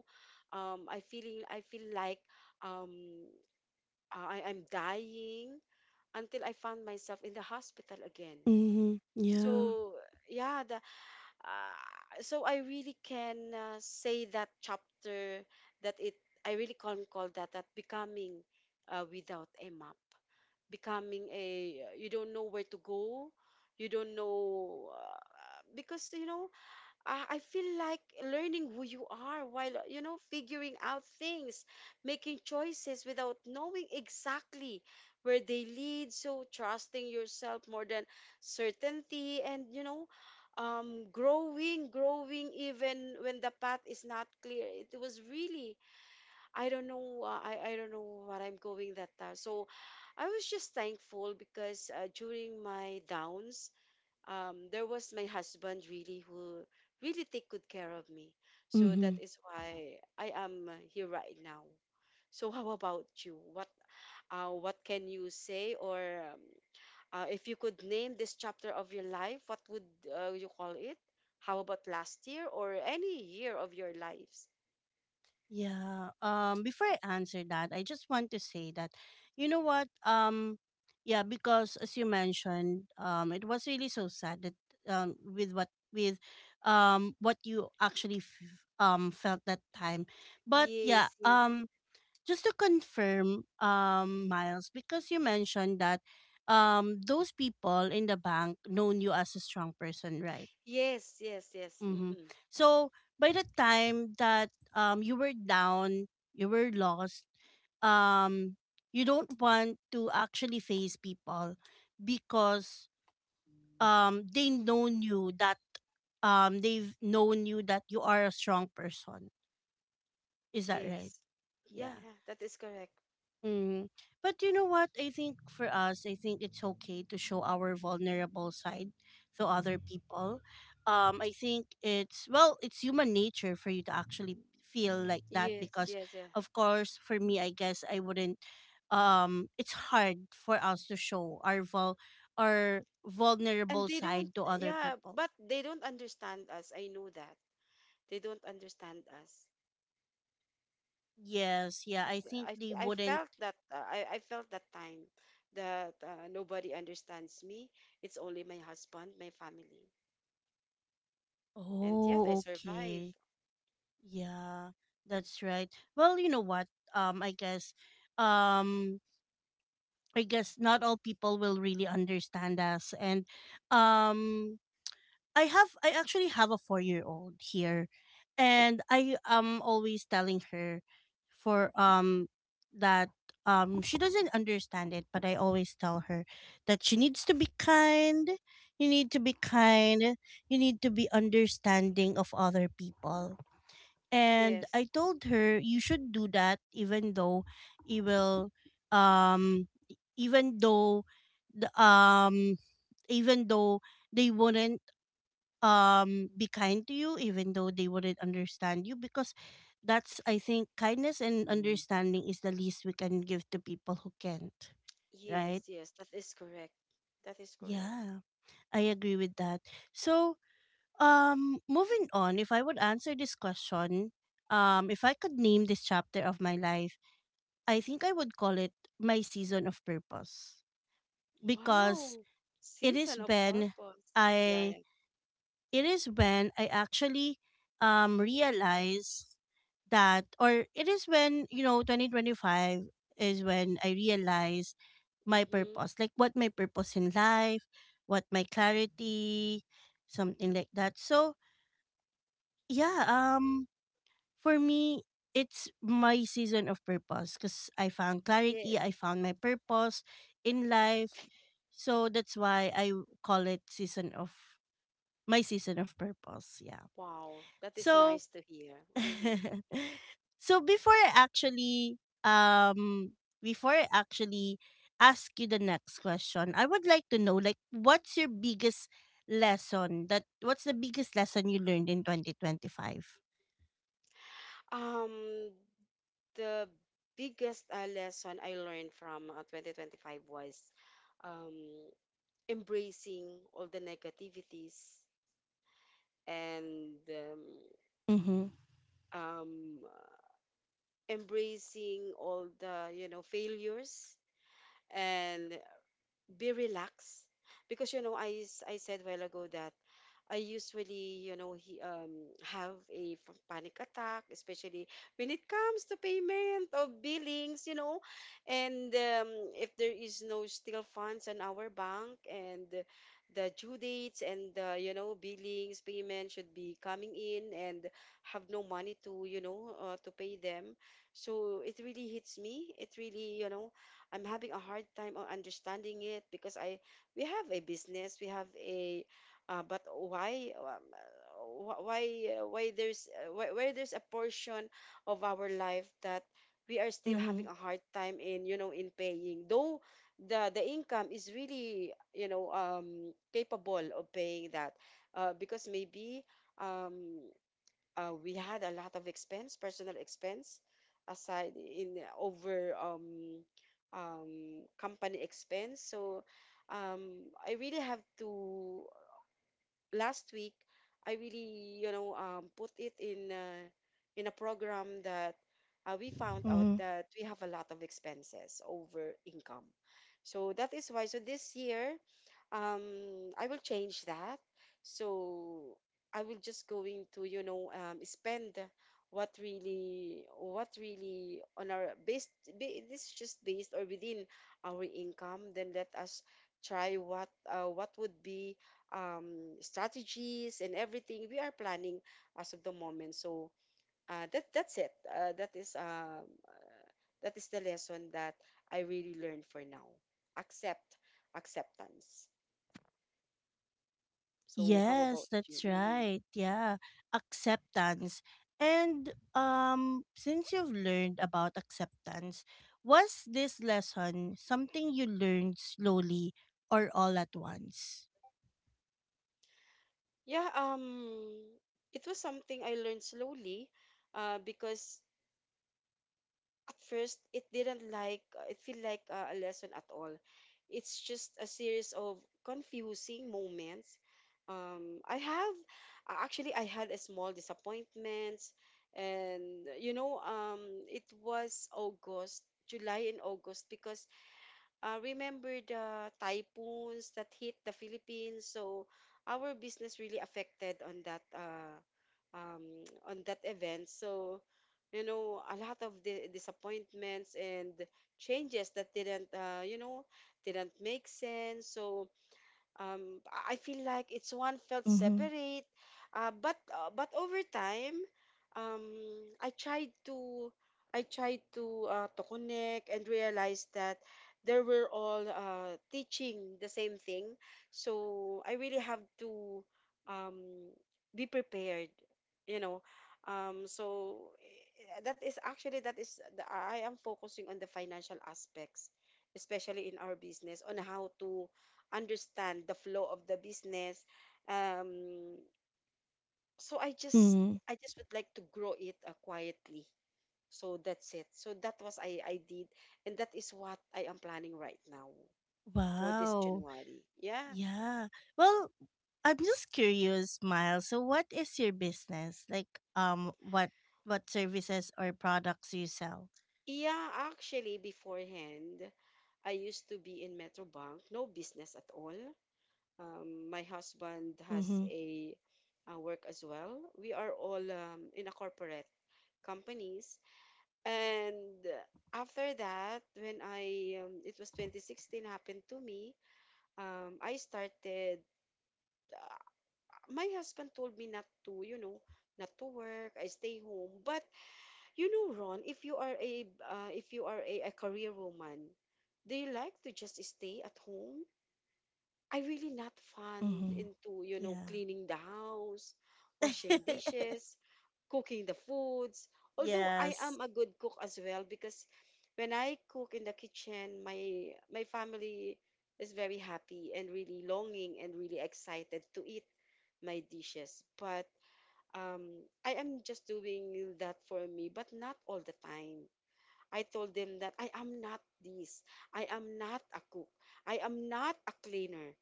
Speaker 2: I feel like um, I'm dying until I found myself in the hospital again.
Speaker 1: Mm-hmm. Yeah.
Speaker 2: So yeah, the So I really can, say that chapter that it I really can call that becoming, without a map, becoming a you don't know where to go, you don't know, because you know I feel like learning who you are while you know figuring out things, making choices without knowing exactly where they lead, so trusting yourself more than certainty, and you know growing, growing even when the path is not clear. It was really, I don't know. I don't know what I'm going that time. So, I was just thankful because, during my downs, there was my husband really who really take good care of me. So
Speaker 1: Mm-hmm.
Speaker 2: that is why I am here right now. So how about you? What, what can you say, or if you could name this chapter of your life, what would, you call it? How about last year or any year of your lives?
Speaker 1: Yeah. Before I answer that, I just want to say that you know what? Yeah, because as you mentioned, it was really so sad that with what you actually felt that time. But yeah,
Speaker 2: Yes, yes.
Speaker 1: just to confirm Miles, because you mentioned that those people in the bank known you as a strong person, right?
Speaker 2: Yes, yes, yes.
Speaker 1: Mm-hmm.
Speaker 2: Hmm.
Speaker 1: So by the time that you were down, you were lost, um you don't want to actually face people because um they known you that they've known you that you are a strong person. Is that right?
Speaker 2: Yes. Yeah,
Speaker 1: Yeah.
Speaker 2: yeah, that is correct.
Speaker 1: Mm. But you know what? I think for us, I think it's okay to show our vulnerable side to other people. I think it's well, it's human nature for you to actually feel like that
Speaker 2: Yes,
Speaker 1: because,
Speaker 2: yes, yeah.
Speaker 1: of course, for me, I guess I wouldn't. It's hard for us to show our our
Speaker 2: And
Speaker 1: vulnerable
Speaker 2: they don't,
Speaker 1: side to other
Speaker 2: yeah,
Speaker 1: people.
Speaker 2: but they don't understand us. I know that. They don't understand us
Speaker 1: Yes, yeah,
Speaker 2: because
Speaker 1: I think they wouldn't.
Speaker 2: I felt that time that nobody understands me. It's only my husband, my family. And yet I
Speaker 1: Oh,
Speaker 2: survive.
Speaker 1: okay. Yeah, that's right. Well, you know what? Um, I guess, um, I guess not all people will really understand us. And um, I actually have a 4-year-old here, and I am always telling her, for that she doesn't understand it, but I always tell her that she needs to be kind. You need to be kind. You need to be understanding of other people, and
Speaker 2: Yes,
Speaker 1: I told her you should do that even though it will even though the even though they wouldn't be kind to you, even though they wouldn't understand you, because that's, I think, kindness and understanding is the least we can give to people who can't.
Speaker 2: yes,
Speaker 1: Right?
Speaker 2: yes, that is correct. That is correct.
Speaker 1: Yeah, I agree with that. So Moving on, if I would answer this question, if I could name this chapter of my life, I think I would call it my season of purpose because
Speaker 2: Wow.
Speaker 1: it is
Speaker 2: Season of
Speaker 1: when
Speaker 2: purpose. Yeah,
Speaker 1: I
Speaker 2: yeah.
Speaker 1: it is when I actually realize that, or it is when you know 2025 is when I realize my
Speaker 2: Mm-hmm.
Speaker 1: purpose, like what my purpose in life, what my clarity, something like that. So yeah, For me, it's my season of purpose because I found clarity,
Speaker 2: Yes.
Speaker 1: I found my purpose in life. So that's why I call it season of my season of purpose. Yeah.
Speaker 2: Wow, that is
Speaker 1: So
Speaker 2: nice to hear. Hmm.
Speaker 1: <laughs> so before I actually ask you the next question, I would like to know, like, what's your biggest lesson that what's the biggest lesson you learned in 2025?
Speaker 2: Um, the biggest lesson I learned from 2025 was um, embracing all the negativities and
Speaker 1: Mhm.
Speaker 2: um, embracing all the, you know, failures, and be relaxed because you know I said a while ago that I usually, you know, have a panic attack, especially when it comes to payment of billings, you know, and if there is no still funds in our bank, and the due dates and the, you know, billings, payment should be coming in, and have no money to, you know, to pay them. So it really hits me. It really, you know, I'm having a hard time understanding it because I we have a business, we have a, but why, why there's, why there's a portion of our life that we are still having
Speaker 1: Mhm.
Speaker 2: a hard time in, you know, in paying. Though the income is really, you know, capable of paying that, because maybe um, we had a lot of expense, personal expense, aside in over company expense. So I really have to, last week, I really, you know, put it in, in a program, that we found out
Speaker 1: Mm-hmm.
Speaker 2: that we have a lot of expenses over income. So that is why. So this year I will change that. So I will just going to, you know, spend what really on our based, this is just based or within our income. Then let us try what, what would be strategies, and everything we are planning as of the moment. So uh, that that's it uh, that is um that is the lesson that I really learned for now. Accept, acceptance. So how
Speaker 1: Yes,
Speaker 2: about you?
Speaker 1: that's
Speaker 2: Hmm.
Speaker 1: right. Yeah, acceptance. And since you've learned about acceptance, was this lesson something you learned slowly or all at once?
Speaker 2: Yeah, it was something I learned slowly, because at first it didn't like it feel like a lesson at all. It's just a series of confusing moments. I have Actually, I had a small disappointments, and you know, it was August, July and August, because remember the typhoons that hit the Philippines. So our business really affected on that, um, <tsk> on that event. So you know a lot of the disappointments and changes that didn't, didn't make sense. So I feel like it's one felt
Speaker 1: Mm-hmm.
Speaker 2: separate. But over time, um, I tried to I tried to, to connect and realize that they were all, teaching the same thing. So I really have to um, be prepared, you know. That is actually I am focusing on the financial aspects, especially in our business, on how to understand the flow of the business. Um, so I just
Speaker 1: Mm-hmm.
Speaker 2: I just would like to grow it, quietly. So that's it. So that was I did, and that is what I am planning right now for this
Speaker 1: Wow.
Speaker 2: January. Yeah,
Speaker 1: Yeah. Well, I'm just curious, Miles. So, what is your business? Like, um, what what services or products you sell?
Speaker 2: yeah. Actually, beforehand, I used to be in Metrobank, no business at all. My husband
Speaker 1: Mm-hmm.
Speaker 2: has a, work as well. We are all, in a corporate companies. And after that, when it was 2016 happened to me, I started, uh, my husband told me not to, you know, not to work, I stay home. But you know, Ron, if you are a, if you are a career woman, do you like to just stay at home? I really not fond
Speaker 1: Mm-hmm.
Speaker 2: into, you know,
Speaker 1: Yeah.
Speaker 2: cleaning the house, washing
Speaker 1: <laughs>
Speaker 2: dishes, cooking the foods. Although I
Speaker 1: Yes.
Speaker 2: am a good cook as well, because when I cook in the kitchen, my family is very happy and really longing and really excited to eat my dishes. But I am just doing that for me, but not all the time. I told them that I am not this. I am not a cook. I am not a cleaner.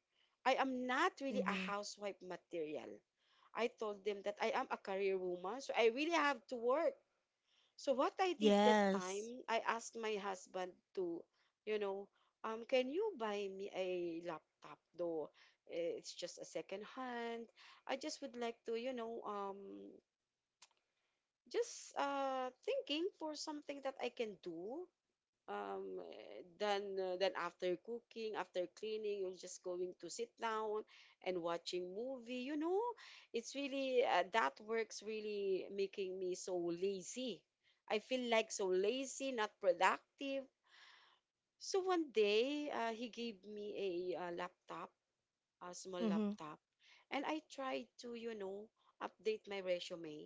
Speaker 2: I am not really a
Speaker 1: Mm-hmm.
Speaker 2: housewife material. I told them that I am a career woman, so I really have to work. So what I did that
Speaker 1: Yes.
Speaker 2: time, I asked my husband to, you know, can you buy me a laptop though? It's just a second hand. I just would like to, just thinking for something that I can do. Then after cooking, after cleaning, you're just going to sit down and watching movie. It's really, that works really making me so lazy. I feel like so lazy, not productive. So one day, he gave me a, laptop, a small
Speaker 1: Mm-hmm.
Speaker 2: laptop. And I tried to, update my resume.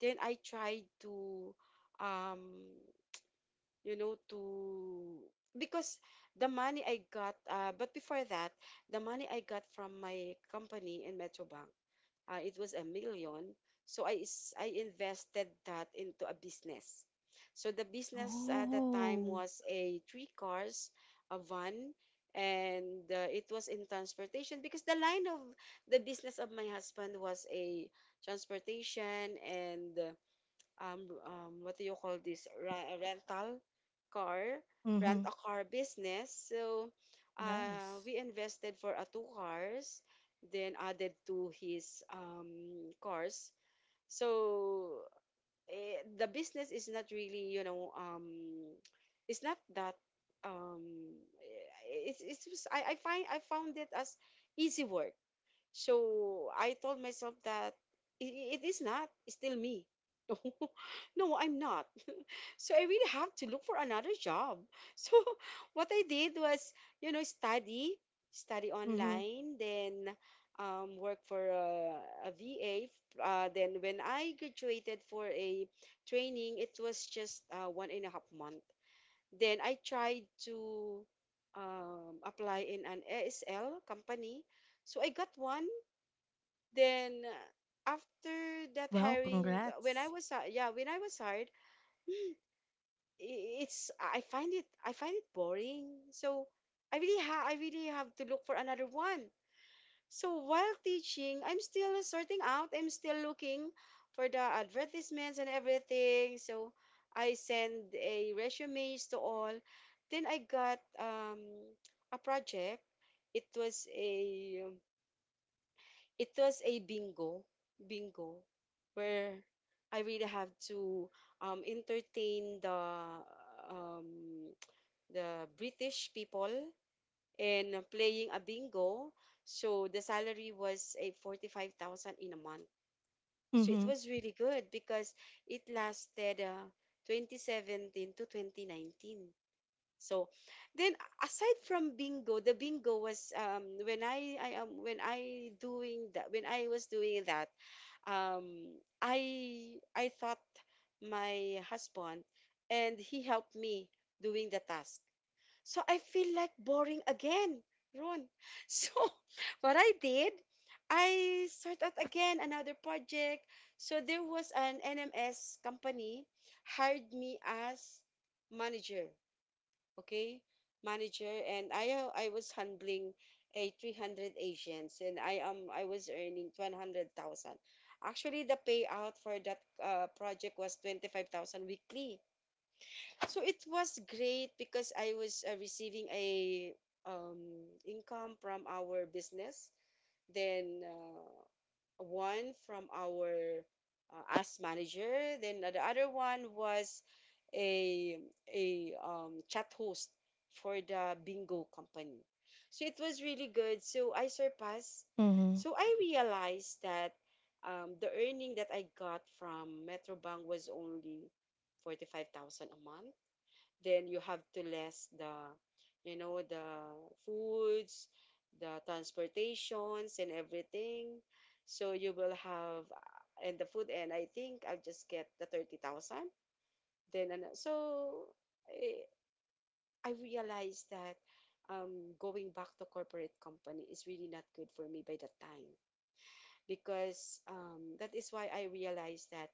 Speaker 2: Then I tried to, um to, because the money I got, but before that, the money I got from my company in Metrobank, it was a million. So I invested that into a business. So the business at that time
Speaker 1: Oh.
Speaker 2: was a three cars, a van, and it was in transportation because the line of the business of my husband was a transportation, and what do you call this? Rental car, rent
Speaker 1: Mm-hmm.
Speaker 2: a car business. So
Speaker 1: Nice.
Speaker 2: we invested for two cars, then added to his, cars. So the business is not really, it's not that. Um, eh, it's just- I find I found it as easy work. So I told myself that it is not, it's still me. <laughs> No, I'm not. So I really have to look for another job. <laughs> So what I did was, you know, study, study
Speaker 1: Mm-hmm.
Speaker 2: online, then work for a, VA. Then when I graduated for a training, it was just 1.5 month. Then I tried to, apply in an ASL company. So I got one. Then after that
Speaker 1: Well,
Speaker 2: hiring, when I
Speaker 1: congrats.
Speaker 2: was yeah, when I was hired, I- it's I find it boring. So I really have to look for another one. So while teaching, I'm still sorting out. I'm still looking for the advertisements and everything. So I send a resumes to all. Then I got, a project. It was a, it was a bingo bingo where I really have to, entertain um the British people, and playing a bingo. So the salary was a 45,000 in a month. So it
Speaker 1: Mm-hmm.
Speaker 2: was really good because it lasted, 2017 to 2019. So then, aside from bingo, the bingo was, when I am when I was doing that, um, I thought my husband, and he helped me doing the task, so I feel like boring again, Ron. <laughs> So what I did, I started out again another project. So there was an NMS company hired me as manager, okay? Manager, and I was handling a 300 agents, and I was earning 100,000. Actually the payout for that, project was 25,000 weekly. So it was great because I was, receiving a, income from our business, then one from our, ask manager, then the other one was a a chat host for the bingo company. So it was really good. So I surpassed.
Speaker 1: Mm-hmm.
Speaker 2: So I realized that, the earning that I got from Metrobank was only 45,000 a month. Then you have to less the, the foods, the transportations, and everything, so you will have. And the food, and I think I'll just get the 30,000. Then ano- so i, I realized that, going back to corporate company is really not good for me by that time, because, that is why I realized that,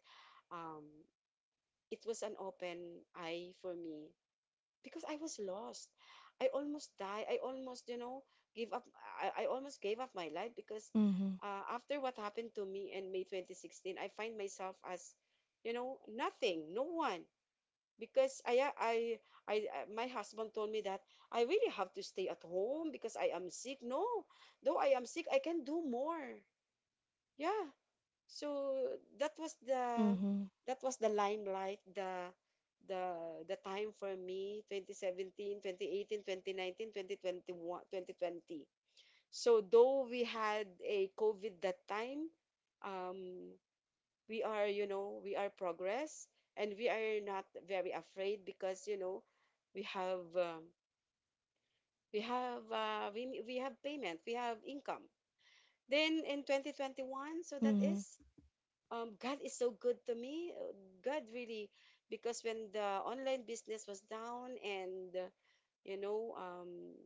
Speaker 2: um, it was an open eye for me because I was lost. I almost died. I almost, give up. I almost gave up my life because,
Speaker 1: Mm-hmm.
Speaker 2: after what happened to me in May 2016, I find myself as, nothing, no one. Because my husband told me that I really have to stay at home because I am sick. No, though I am sick, I can do more. Yeah, so that was the
Speaker 1: Mm-hmm.
Speaker 2: that was the limelight, the time for me — 2017, 2018, 2019, 2021, 2020. So though we had a covid that time, um we are, we are progress, and we are not very afraid because, we have um, we have, we have payment, we have income. Then in 2021, so that
Speaker 1: Mm-hmm.
Speaker 2: is, God is so good to me. God really, because when the online business was down and, you know, um,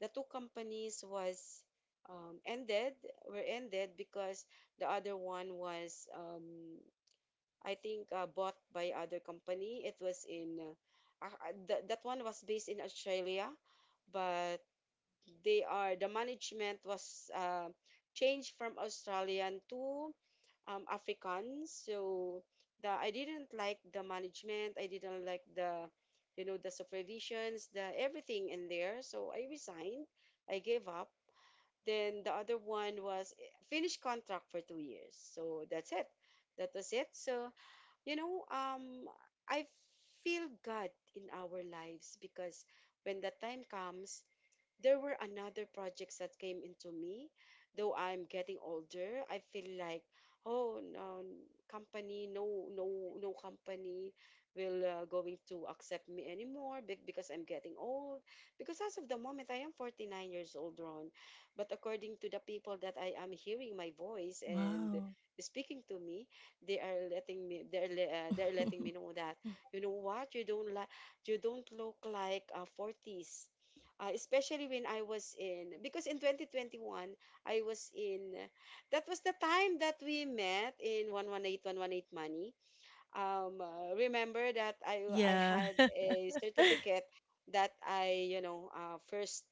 Speaker 2: the two companies was, ended, were ended, because the other one was, I think, bought by other company. It was in, that one was based in Australia, but the management was, changed from Australian to, African. So the I didn't like the management. I didn't like the you know the supervisions, the everything in there. So I resigned. I gave up. Then the other one was finished contract for 2 years. So that's it. That was it. So, you know um I feel God in our lives, because when the time comes there were another projects that came into me. Though I'm getting older, I feel like, oh no, company, no, no, no, company will, going to accept me anymore, because I'm getting old. Because as of the moment I am 49 years old, Ron. But according to the people that I am hearing my voice and
Speaker 1: Wow.
Speaker 2: speaking to me, they're letting me know
Speaker 1: <laughs>
Speaker 2: that, you know what? You don't look like, 40s. Especially when I was in, because in 2021 I was in that was the time that we met in 118118 Money. Remember that I
Speaker 1: Yeah.
Speaker 2: had a certificate, that I, first,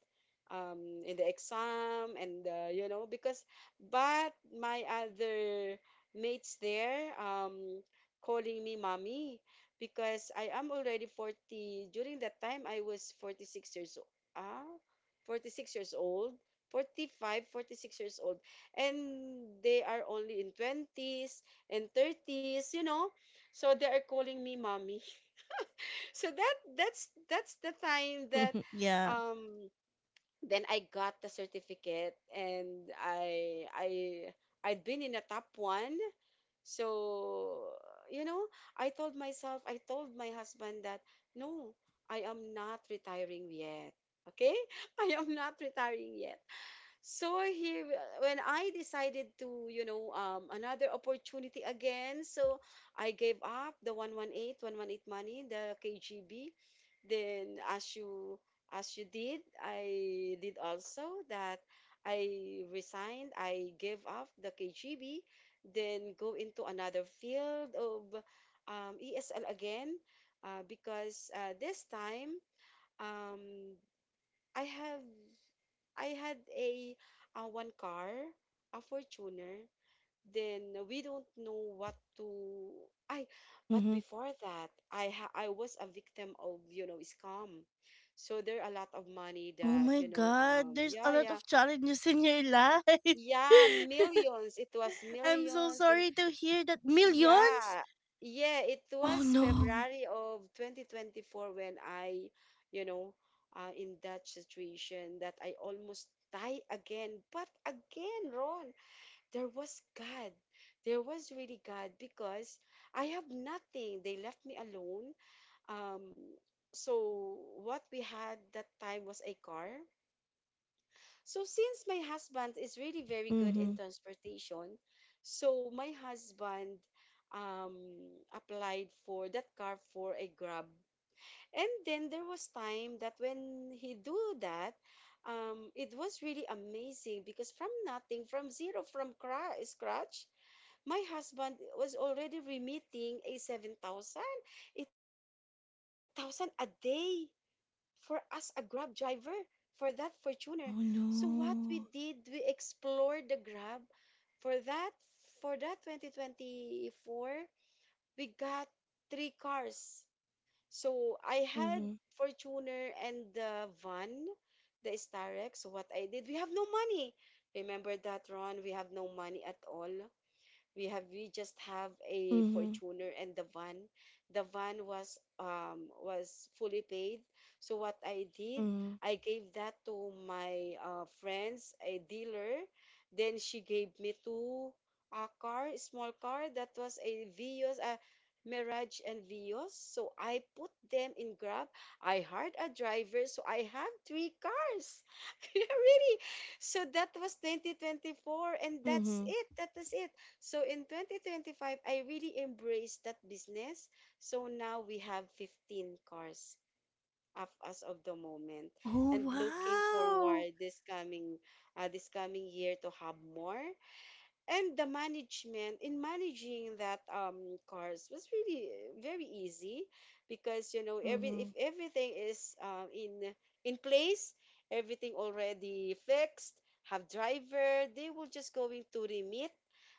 Speaker 2: in the exam, and, because, but my other mates there, calling me mommy, because I am already 40. During that time I was 46 years old. Ah, 46 years old, 45, 46 years old. And they are only in 20s and 30s, so they are calling me mommy. <laughs> So that's the time that,
Speaker 1: <laughs> Yeah.
Speaker 2: um then I got the certificate, and I'd been in the top one. So, you know, I told myself, I told my husband that no, I am not retiring yet. Okay? <laughs> I am not retiring yet. So he when I decided to, another opportunity again, so I gave up the 118118 money, the KGB. Then as you did, I did also that. I resigned, I gave up the KGB, then go into another field of, ESL again, because, this time, um I have I had a, one car, a Fortuner. Then we don't know what to. I, but
Speaker 1: Mm-hmm.
Speaker 2: before that, I was a victim of, scam. So there are a lot of money
Speaker 1: Oh
Speaker 2: that,
Speaker 1: my God, there's a
Speaker 2: yeah,
Speaker 1: lot
Speaker 2: yeah,
Speaker 1: of challenges in your life.
Speaker 2: yeah,
Speaker 1: <laughs>
Speaker 2: millions. It was
Speaker 1: I'm so
Speaker 2: millions. And
Speaker 1: sorry to hear that. Millions?
Speaker 2: yeah, yeah, it
Speaker 1: Oh
Speaker 2: was
Speaker 1: no.
Speaker 2: February of 2024 when I, you know, in that situation that I almost die again. But again, Ron, there was God. There was really God because I have nothing. They left me alone. Um, so what we had that time was a car. So since my husband is really very good
Speaker 1: Mm-hmm.
Speaker 2: in transportation, so my husband, um, applied for that car for a Grab. And then there was time that when he do that, it was really amazing because from nothing, from zero, from scratch, my husband was already remitting a 7,000, 8,000 a day for us, a grab driver for that fortuner.
Speaker 1: Oh
Speaker 2: So what we
Speaker 1: no.
Speaker 2: did, we explored the grab for that, 2024, we got three cars. So I had
Speaker 1: Mhm.
Speaker 2: fortuner and the van, the starex. So what I did, we have no money. Remember that, Ron, we have no money at all. We have we just have a
Speaker 1: Mhm.
Speaker 2: Fortuner and the van. The van was, was fully paid. So what I did,
Speaker 1: Mhm.
Speaker 2: I gave that to my, friends, a dealer. Then she gave me two, a car, a small car, that was a Vios, a Mirage and Vios. So I put them in Grab. I hired a driver, so I have three cars. <laughs> Really. So that was 2024, and that's
Speaker 1: Mhm.
Speaker 2: it. That is it. So in 2025, I really embraced that business. So now we have 15 cars of us of the moment,
Speaker 1: Oh
Speaker 2: and looking
Speaker 1: wow.
Speaker 2: forward this coming year to have more. And the management in managing that cars was really very easy because you know, every if
Speaker 1: Mhm.
Speaker 2: everything is in place, everything already fixed, have driver, they will just going to remit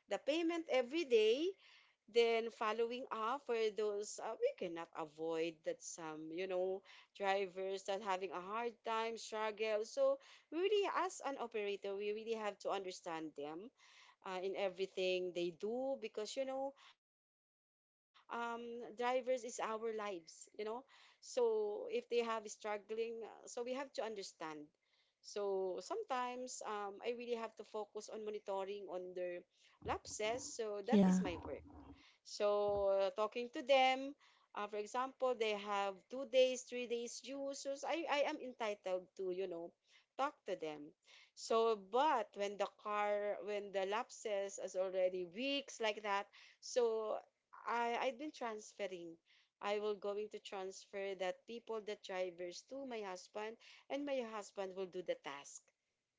Speaker 2: the payment every day. Then following up for those, we cannot avoid that some, you know, drivers that having a hard time struggle. So we really, as an operator, we really have to understand them in everything they do, because you know, um, drivers is our lives. So if they have struggling, so we have to understand. So sometimes, I really have to focus on monitoring on their lapses. So that is
Speaker 1: Yeah.
Speaker 2: my work. So, talking to them, for example, they have 2 days, 3 days dues. So, I am entitled to, you know, talk to them. So, but when the car, when the lapses is already weeks like that, so I've been transferring. I will going to transfer that people, the drivers, to my husband, and my husband will do the task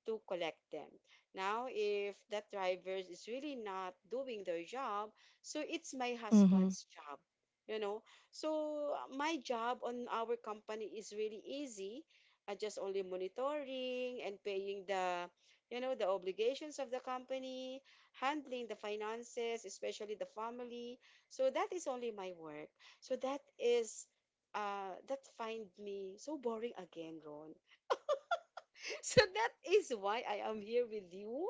Speaker 2: to collect them. Now, if that driver is really not doing their job, so it's my
Speaker 1: Mhm.
Speaker 2: husband's job. You know, so my job on our company is really easy. I just only monitoring and paying the, you know, the obligations of the company, handling the finances, especially the family. So that is only my work. So that is, that find me so boring again, Ron. So that is why I am here with you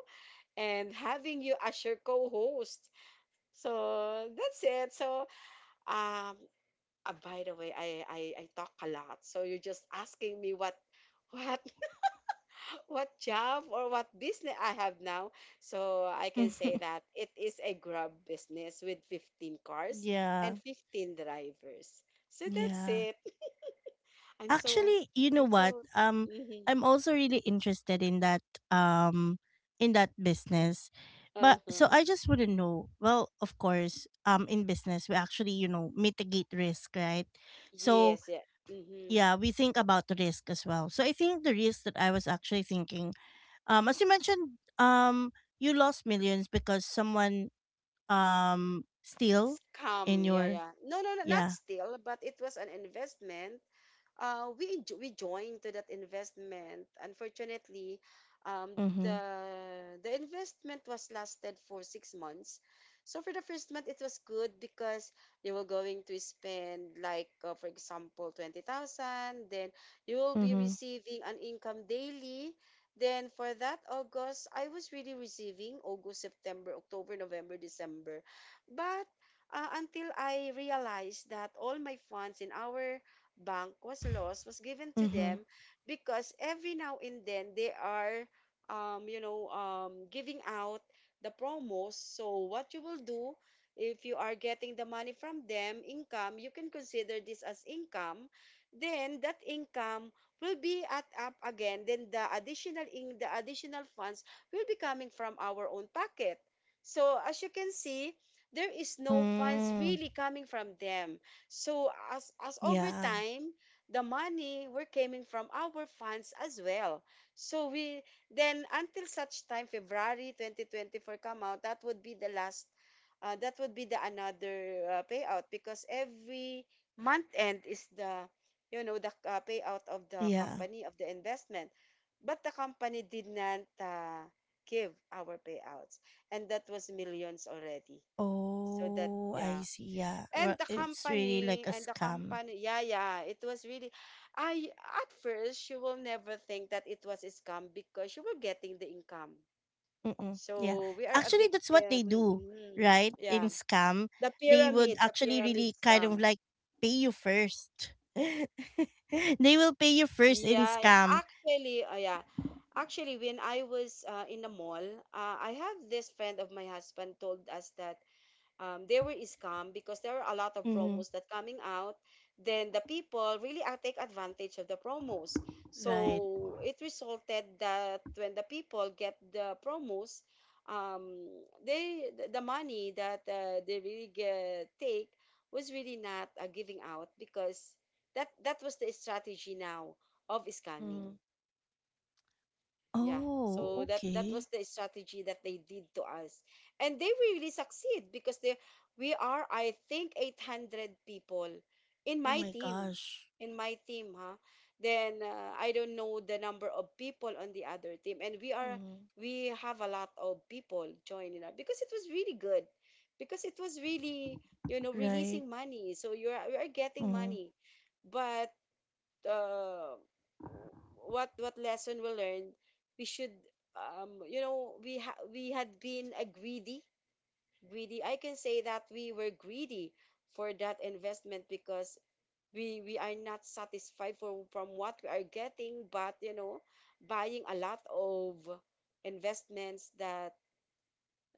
Speaker 2: and having you as your co-host. So that's it. Um by the way, I talk a lot. So you're just asking me what <laughs> what job or what business I have now. So I can say
Speaker 1: <laughs>
Speaker 2: that it is a Grab business with 15 cars
Speaker 1: Yeah.
Speaker 2: and 15 drivers. So that's
Speaker 1: Yeah.
Speaker 2: it. I'm so
Speaker 1: Actually, you know
Speaker 2: I'm
Speaker 1: what?
Speaker 2: so Mhm.
Speaker 1: I'm also really interested um in that business. But so
Speaker 2: Uh-huh.
Speaker 1: I just want to know. Well, of course, in business we actually, you know, mitigate risk, right? So,
Speaker 2: Yes, yeah. Mm-hmm.
Speaker 1: yeah, we think about the risk as well. So I think the risk that I was actually thinking. As you mentioned, you lost millions because someone steal in
Speaker 2: Scam, yeah,
Speaker 1: your.
Speaker 2: yeah. No, no, no, not
Speaker 1: Yeah.
Speaker 2: steal, but it was an investment. We joined to that investment. Unfortunately, um,
Speaker 1: Mhm.
Speaker 2: the the investment was lasted for 6 months. So for the first month, it was good because you were going to spend like, for example, 20,000. Then you will be
Speaker 1: Mhm.
Speaker 2: receiving an income daily. Then for that August, I was really receiving August, September, October, November, December, but until I realized that all my funds in our bank was lost, was given to
Speaker 1: Mhm.
Speaker 2: them, because every now and then they are, you know, giving out the promos. So what you will do, if you are getting the money from them, income, you can consider this as income. Then that income will be at up again, then the additional, in the additional funds will be coming from our own pocket. So as you can see, there is no funds
Speaker 1: Mm.
Speaker 2: really coming from them. So as over
Speaker 1: Yeah.
Speaker 2: time, the money were coming from our funds as well. So we, then until such time February 2024 come out, that would be the last. That would be the another payout, because every month end is the, you know, the, payout of the
Speaker 1: Yeah.
Speaker 2: company, of the investment. But the company did not, give our payouts, and that was millions already. So that,
Speaker 1: Oh, I
Speaker 2: yeah.
Speaker 1: see. Yeah. It's really like a scam.
Speaker 2: Yeah, yeah, it was really, I, at first, you will never think that it was a scam because you were getting the income.
Speaker 1: Mm-mm. Yeah.
Speaker 2: So we are a
Speaker 1: Actually, that's what
Speaker 2: victim.
Speaker 1: they do,
Speaker 2: Mhm.
Speaker 1: right? In
Speaker 2: Yeah.
Speaker 1: scam, they would
Speaker 2: The
Speaker 1: actually
Speaker 2: pyramid
Speaker 1: really kind of
Speaker 2: scam.
Speaker 1: like pay you first. <laughs> They will pay you first in
Speaker 2: Yeah,
Speaker 1: scam.
Speaker 2: yeah. Actually, when I was in the mall, I have this friend of my husband told us that, they were scammed because there are a lot of
Speaker 1: Mm-hmm.
Speaker 2: promos that coming out, then the people really take advantage of the promos.
Speaker 1: Right.
Speaker 2: So it resulted that when the people get the promos, um, they the money that they really get, take, was really not giving out, because that was the strategy now of scamming.
Speaker 1: Mm-hmm.
Speaker 2: Yeah.
Speaker 1: Oh,
Speaker 2: So that
Speaker 1: okay.
Speaker 2: was the strategy that they did to us. And they will really succeed because they we are, I think, 800 people in
Speaker 1: Oh
Speaker 2: my
Speaker 1: my
Speaker 2: team.
Speaker 1: gosh.
Speaker 2: In my team, huh? Then, I don't know the number of people on the other team, and
Speaker 1: Mm-hmm.
Speaker 2: we have a lot of people joining us because it was really good. Because it was really, you know,
Speaker 1: Right.
Speaker 2: releasing money. So you are getting
Speaker 1: Hmm.
Speaker 2: money. But uh, what lesson we learned, we should, you know, we had been a greedy. I can say that we were greedy for that investment, because we are not satisfied for from what we are getting, but you know, buying a lot of investments that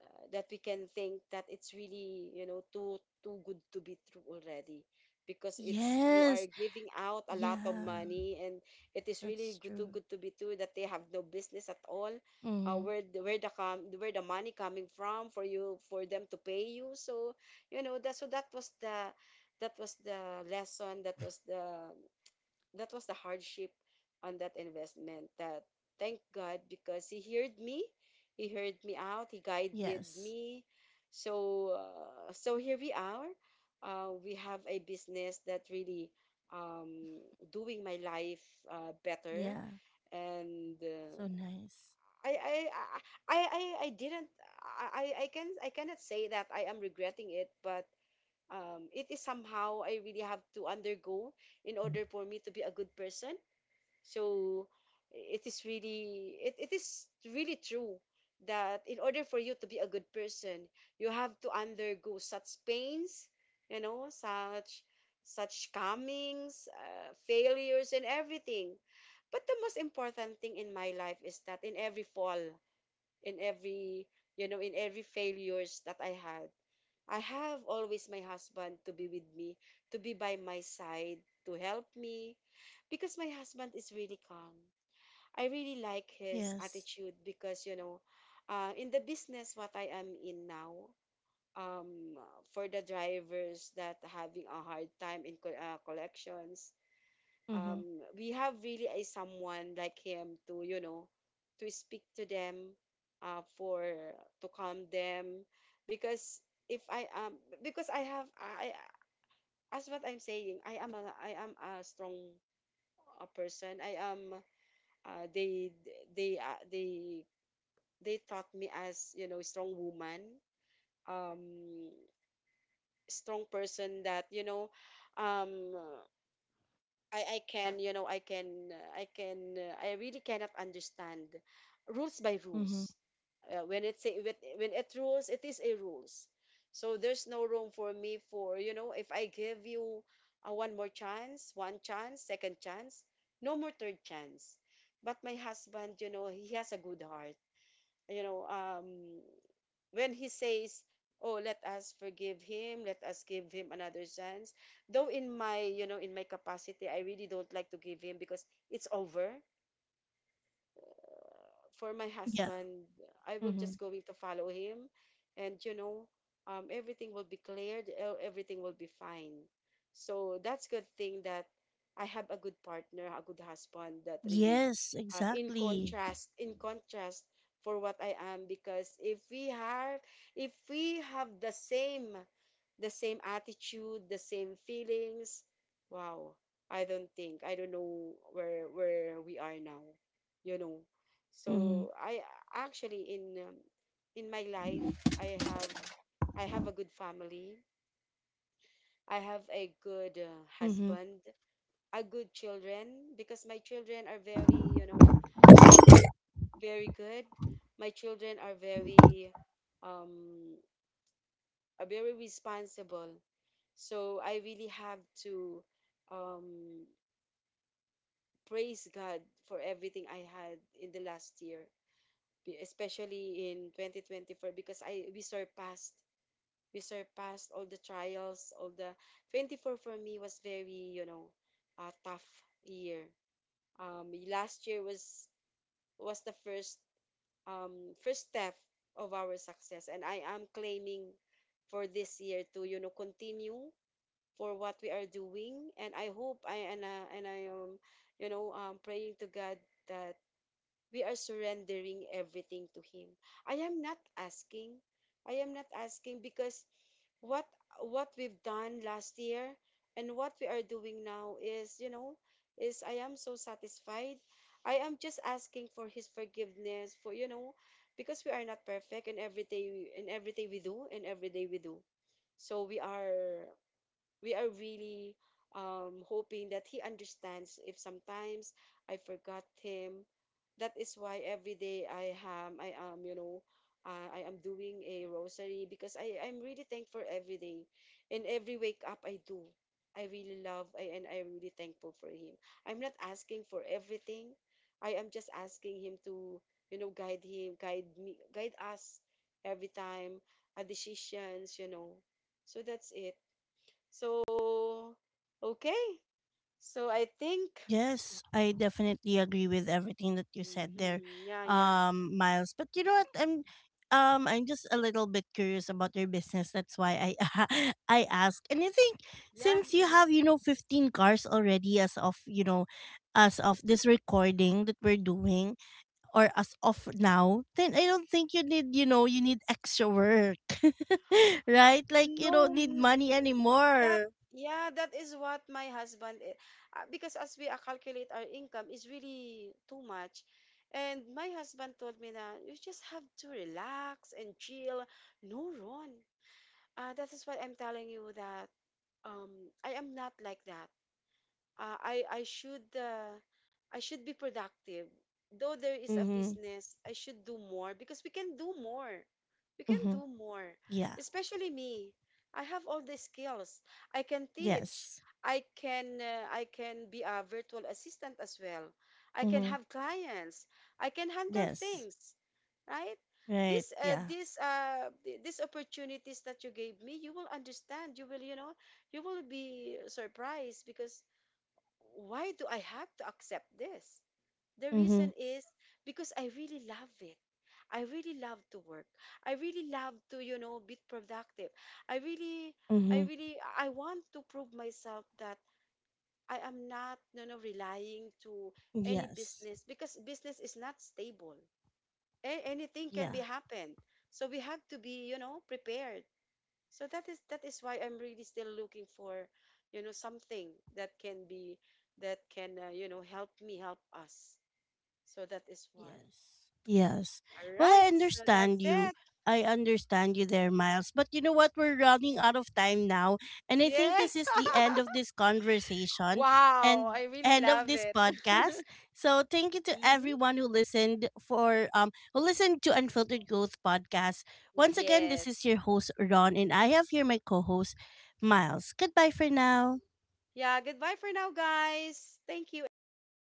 Speaker 2: uh, that we can think that it's really, you know, too good to be true already, because it's you are
Speaker 1: Yes.
Speaker 2: giving out a lot of
Speaker 1: Yeah,
Speaker 2: money, and it is really
Speaker 1: that's
Speaker 2: good, too
Speaker 1: true.
Speaker 2: good to be true, that they have no business at all. uh,
Speaker 1: Mm-hmm.
Speaker 2: where the, where the com- where the money coming from for you, for them to pay you. So you know that. So that was the lesson, that was the hardship on that investment. That thank God because he heard me out, he guided
Speaker 1: Yes.
Speaker 2: me. So so here we are, we have a business that really, um, doing my life better,
Speaker 1: Yeah.
Speaker 2: and
Speaker 1: So nice.
Speaker 2: I, I I didn't. I cannot say that I am regretting it, but it is somehow I really have to undergo in order for me to be a good person. So it is really, it is really true that in order for you to be a good person you have to undergo such pains, you know, such comings, failures and everything. But the most important thing in my life is that in every fall, in every, you know, in every failures that I had, I have always my husband to be with me, to be by my side, to help me, because my husband is really calm. I really like his
Speaker 1: Yes.
Speaker 2: attitude because, you know, in the business what I am in now, um, for the drivers that having a hard time in collections,
Speaker 1: Mm-hmm.
Speaker 2: we have really a someone like him to, you know, to speak to them, for to calm them. Because if I am, because I have I, as what I'm saying, I am a strong, a person I am, uh they they they taught me as you know strong woman, um strong person that you know, um I can, you know, I really cannot understand rules by
Speaker 1: Mm-hmm.
Speaker 2: rules. When it's say when it rules, it is a rules. So there's no room for me, for you know, if I give you a one more chance, one chance, second chance, no more third chance. But my husband, you know, he has a good heart. You know, when he says, "Oh, let us forgive him, let us give him another chance." Though in my, you know, in my capacity, I really don't like to give him because it's over. For my
Speaker 1: Yeah.
Speaker 2: husband, I will
Speaker 1: Hmm.
Speaker 2: just going to follow him, and you know, everything will be cleared. Everything will be fine. So that's good thing that I have a good partner, a good husband. That really,
Speaker 1: Yes,
Speaker 2: in
Speaker 1: exactly.
Speaker 2: contrast, in contrast for what I am, because if we have the same attitude, the same feelings. Wow, I don't think, I don't know where we are now, you know.
Speaker 1: Hmm.
Speaker 2: So I, actually in, in my life, I have I have a good family. I have a good,
Speaker 1: Mm-hmm.
Speaker 2: husband, a good children because my children are very, you know, um, very good. My children are very, um very responsible. So I really have to, um, praise God for everything I had in the last year, especially in 2024 because I we surpassed, all the trials, all the 24 for me was very, you know, a tough year. Last year was the first, first step of our success, and I am claiming for this year to, you know, continue for what we are doing, and I hope I and I am, you know, praying to God that we are surrendering everything to him. I am not asking, I am not asking, because what what we've done last year and what we are doing now is, you know, is I am so satisfied. I am just asking for his forgiveness, for, you know, because we are not perfect in everything, we do, and every day we do. So we are really, hoping that he understands if sometimes I forgot him. That is why every day I am doing a rosary because I'm really thankful every day. In every wake up I do. I really love, and I am really thankful for him. I'm not asking for everything. I am just asking him to, you know, guide him, guide me, guide us every time, our decisions, you know. So that's it. So, okay. So I think.
Speaker 1: Yes, I definitely agree with everything that you said there,
Speaker 2: Hmm. Yeah, yeah,
Speaker 1: Miles. But you know what? I'm just a little bit curious about your business. That's why I, <laughs> I ask. And I think
Speaker 2: yeah.
Speaker 1: since you
Speaker 2: Hmm.
Speaker 1: have, you know, 15 cars already as of, you know, as of this recording that we're doing, or as of now, then I don't think you need, you know, you need extra work, <laughs> right? Like you don't
Speaker 2: No,
Speaker 1: need
Speaker 2: mm,
Speaker 1: money
Speaker 2: that,
Speaker 1: anymore.
Speaker 2: yeah, that is what my husband, because as we, calculate our income is really too much. And my husband told me na you just have to relax and chill. No, Ron. That is what I'm telling you, that, um, I am not like that. uh, I I should uh, I should be productive. Though there is a
Speaker 1: Mm-hmm.
Speaker 2: business, I should do more because we can do more. We can
Speaker 1: Mm-hmm.
Speaker 2: do more.
Speaker 1: Yeah.
Speaker 2: Especially me. I have all the skills. I can teach.
Speaker 1: Yes.
Speaker 2: I can be a virtual assistant as well. I can
Speaker 1: Mm-hmm.
Speaker 2: have clients. I can handle
Speaker 1: Yes.
Speaker 2: things, right?
Speaker 1: Right.
Speaker 2: This uh,
Speaker 1: Yeah.
Speaker 2: this uh th- these opportunities that you gave me, you will understand. You will, you know, you will be surprised because why do I have to accept this? The
Speaker 1: Mm-hmm.
Speaker 2: reason is because I really love it. I really love to work. I really love to, you know, be productive. I really,
Speaker 1: Mm-hmm.
Speaker 2: I want to prove myself that I am not, you know, relying to any
Speaker 1: Yes.
Speaker 2: business because business is not stable. Anything can
Speaker 1: Yeah.
Speaker 2: be happen. So we have to be, you know, prepared. So that is why I'm really still looking for, you know, something that can, you know, help me help us. So that is why.
Speaker 1: Yes. Yes.
Speaker 2: All
Speaker 1: Well, I
Speaker 2: right. So that's
Speaker 1: understand you.
Speaker 2: it.
Speaker 1: I understand you there, Miles. But you know what? We're running out of time now. And I think this
Speaker 2: Yes.
Speaker 1: is the end
Speaker 2: <laughs>
Speaker 1: of this conversation
Speaker 2: Wow,
Speaker 1: and
Speaker 2: I really
Speaker 1: end of
Speaker 2: love
Speaker 1: this
Speaker 2: it.
Speaker 1: podcast.
Speaker 2: <laughs>
Speaker 1: So thank you to
Speaker 2: Hmm.
Speaker 1: everyone who listened for who listened to Unfiltered Growth Podcast. Once again, this
Speaker 2: Yes.
Speaker 1: is your host Ron and I have here my co-host Miles. Goodbye for now.
Speaker 2: Yeah, goodbye for now, guys. Thank you, everyone.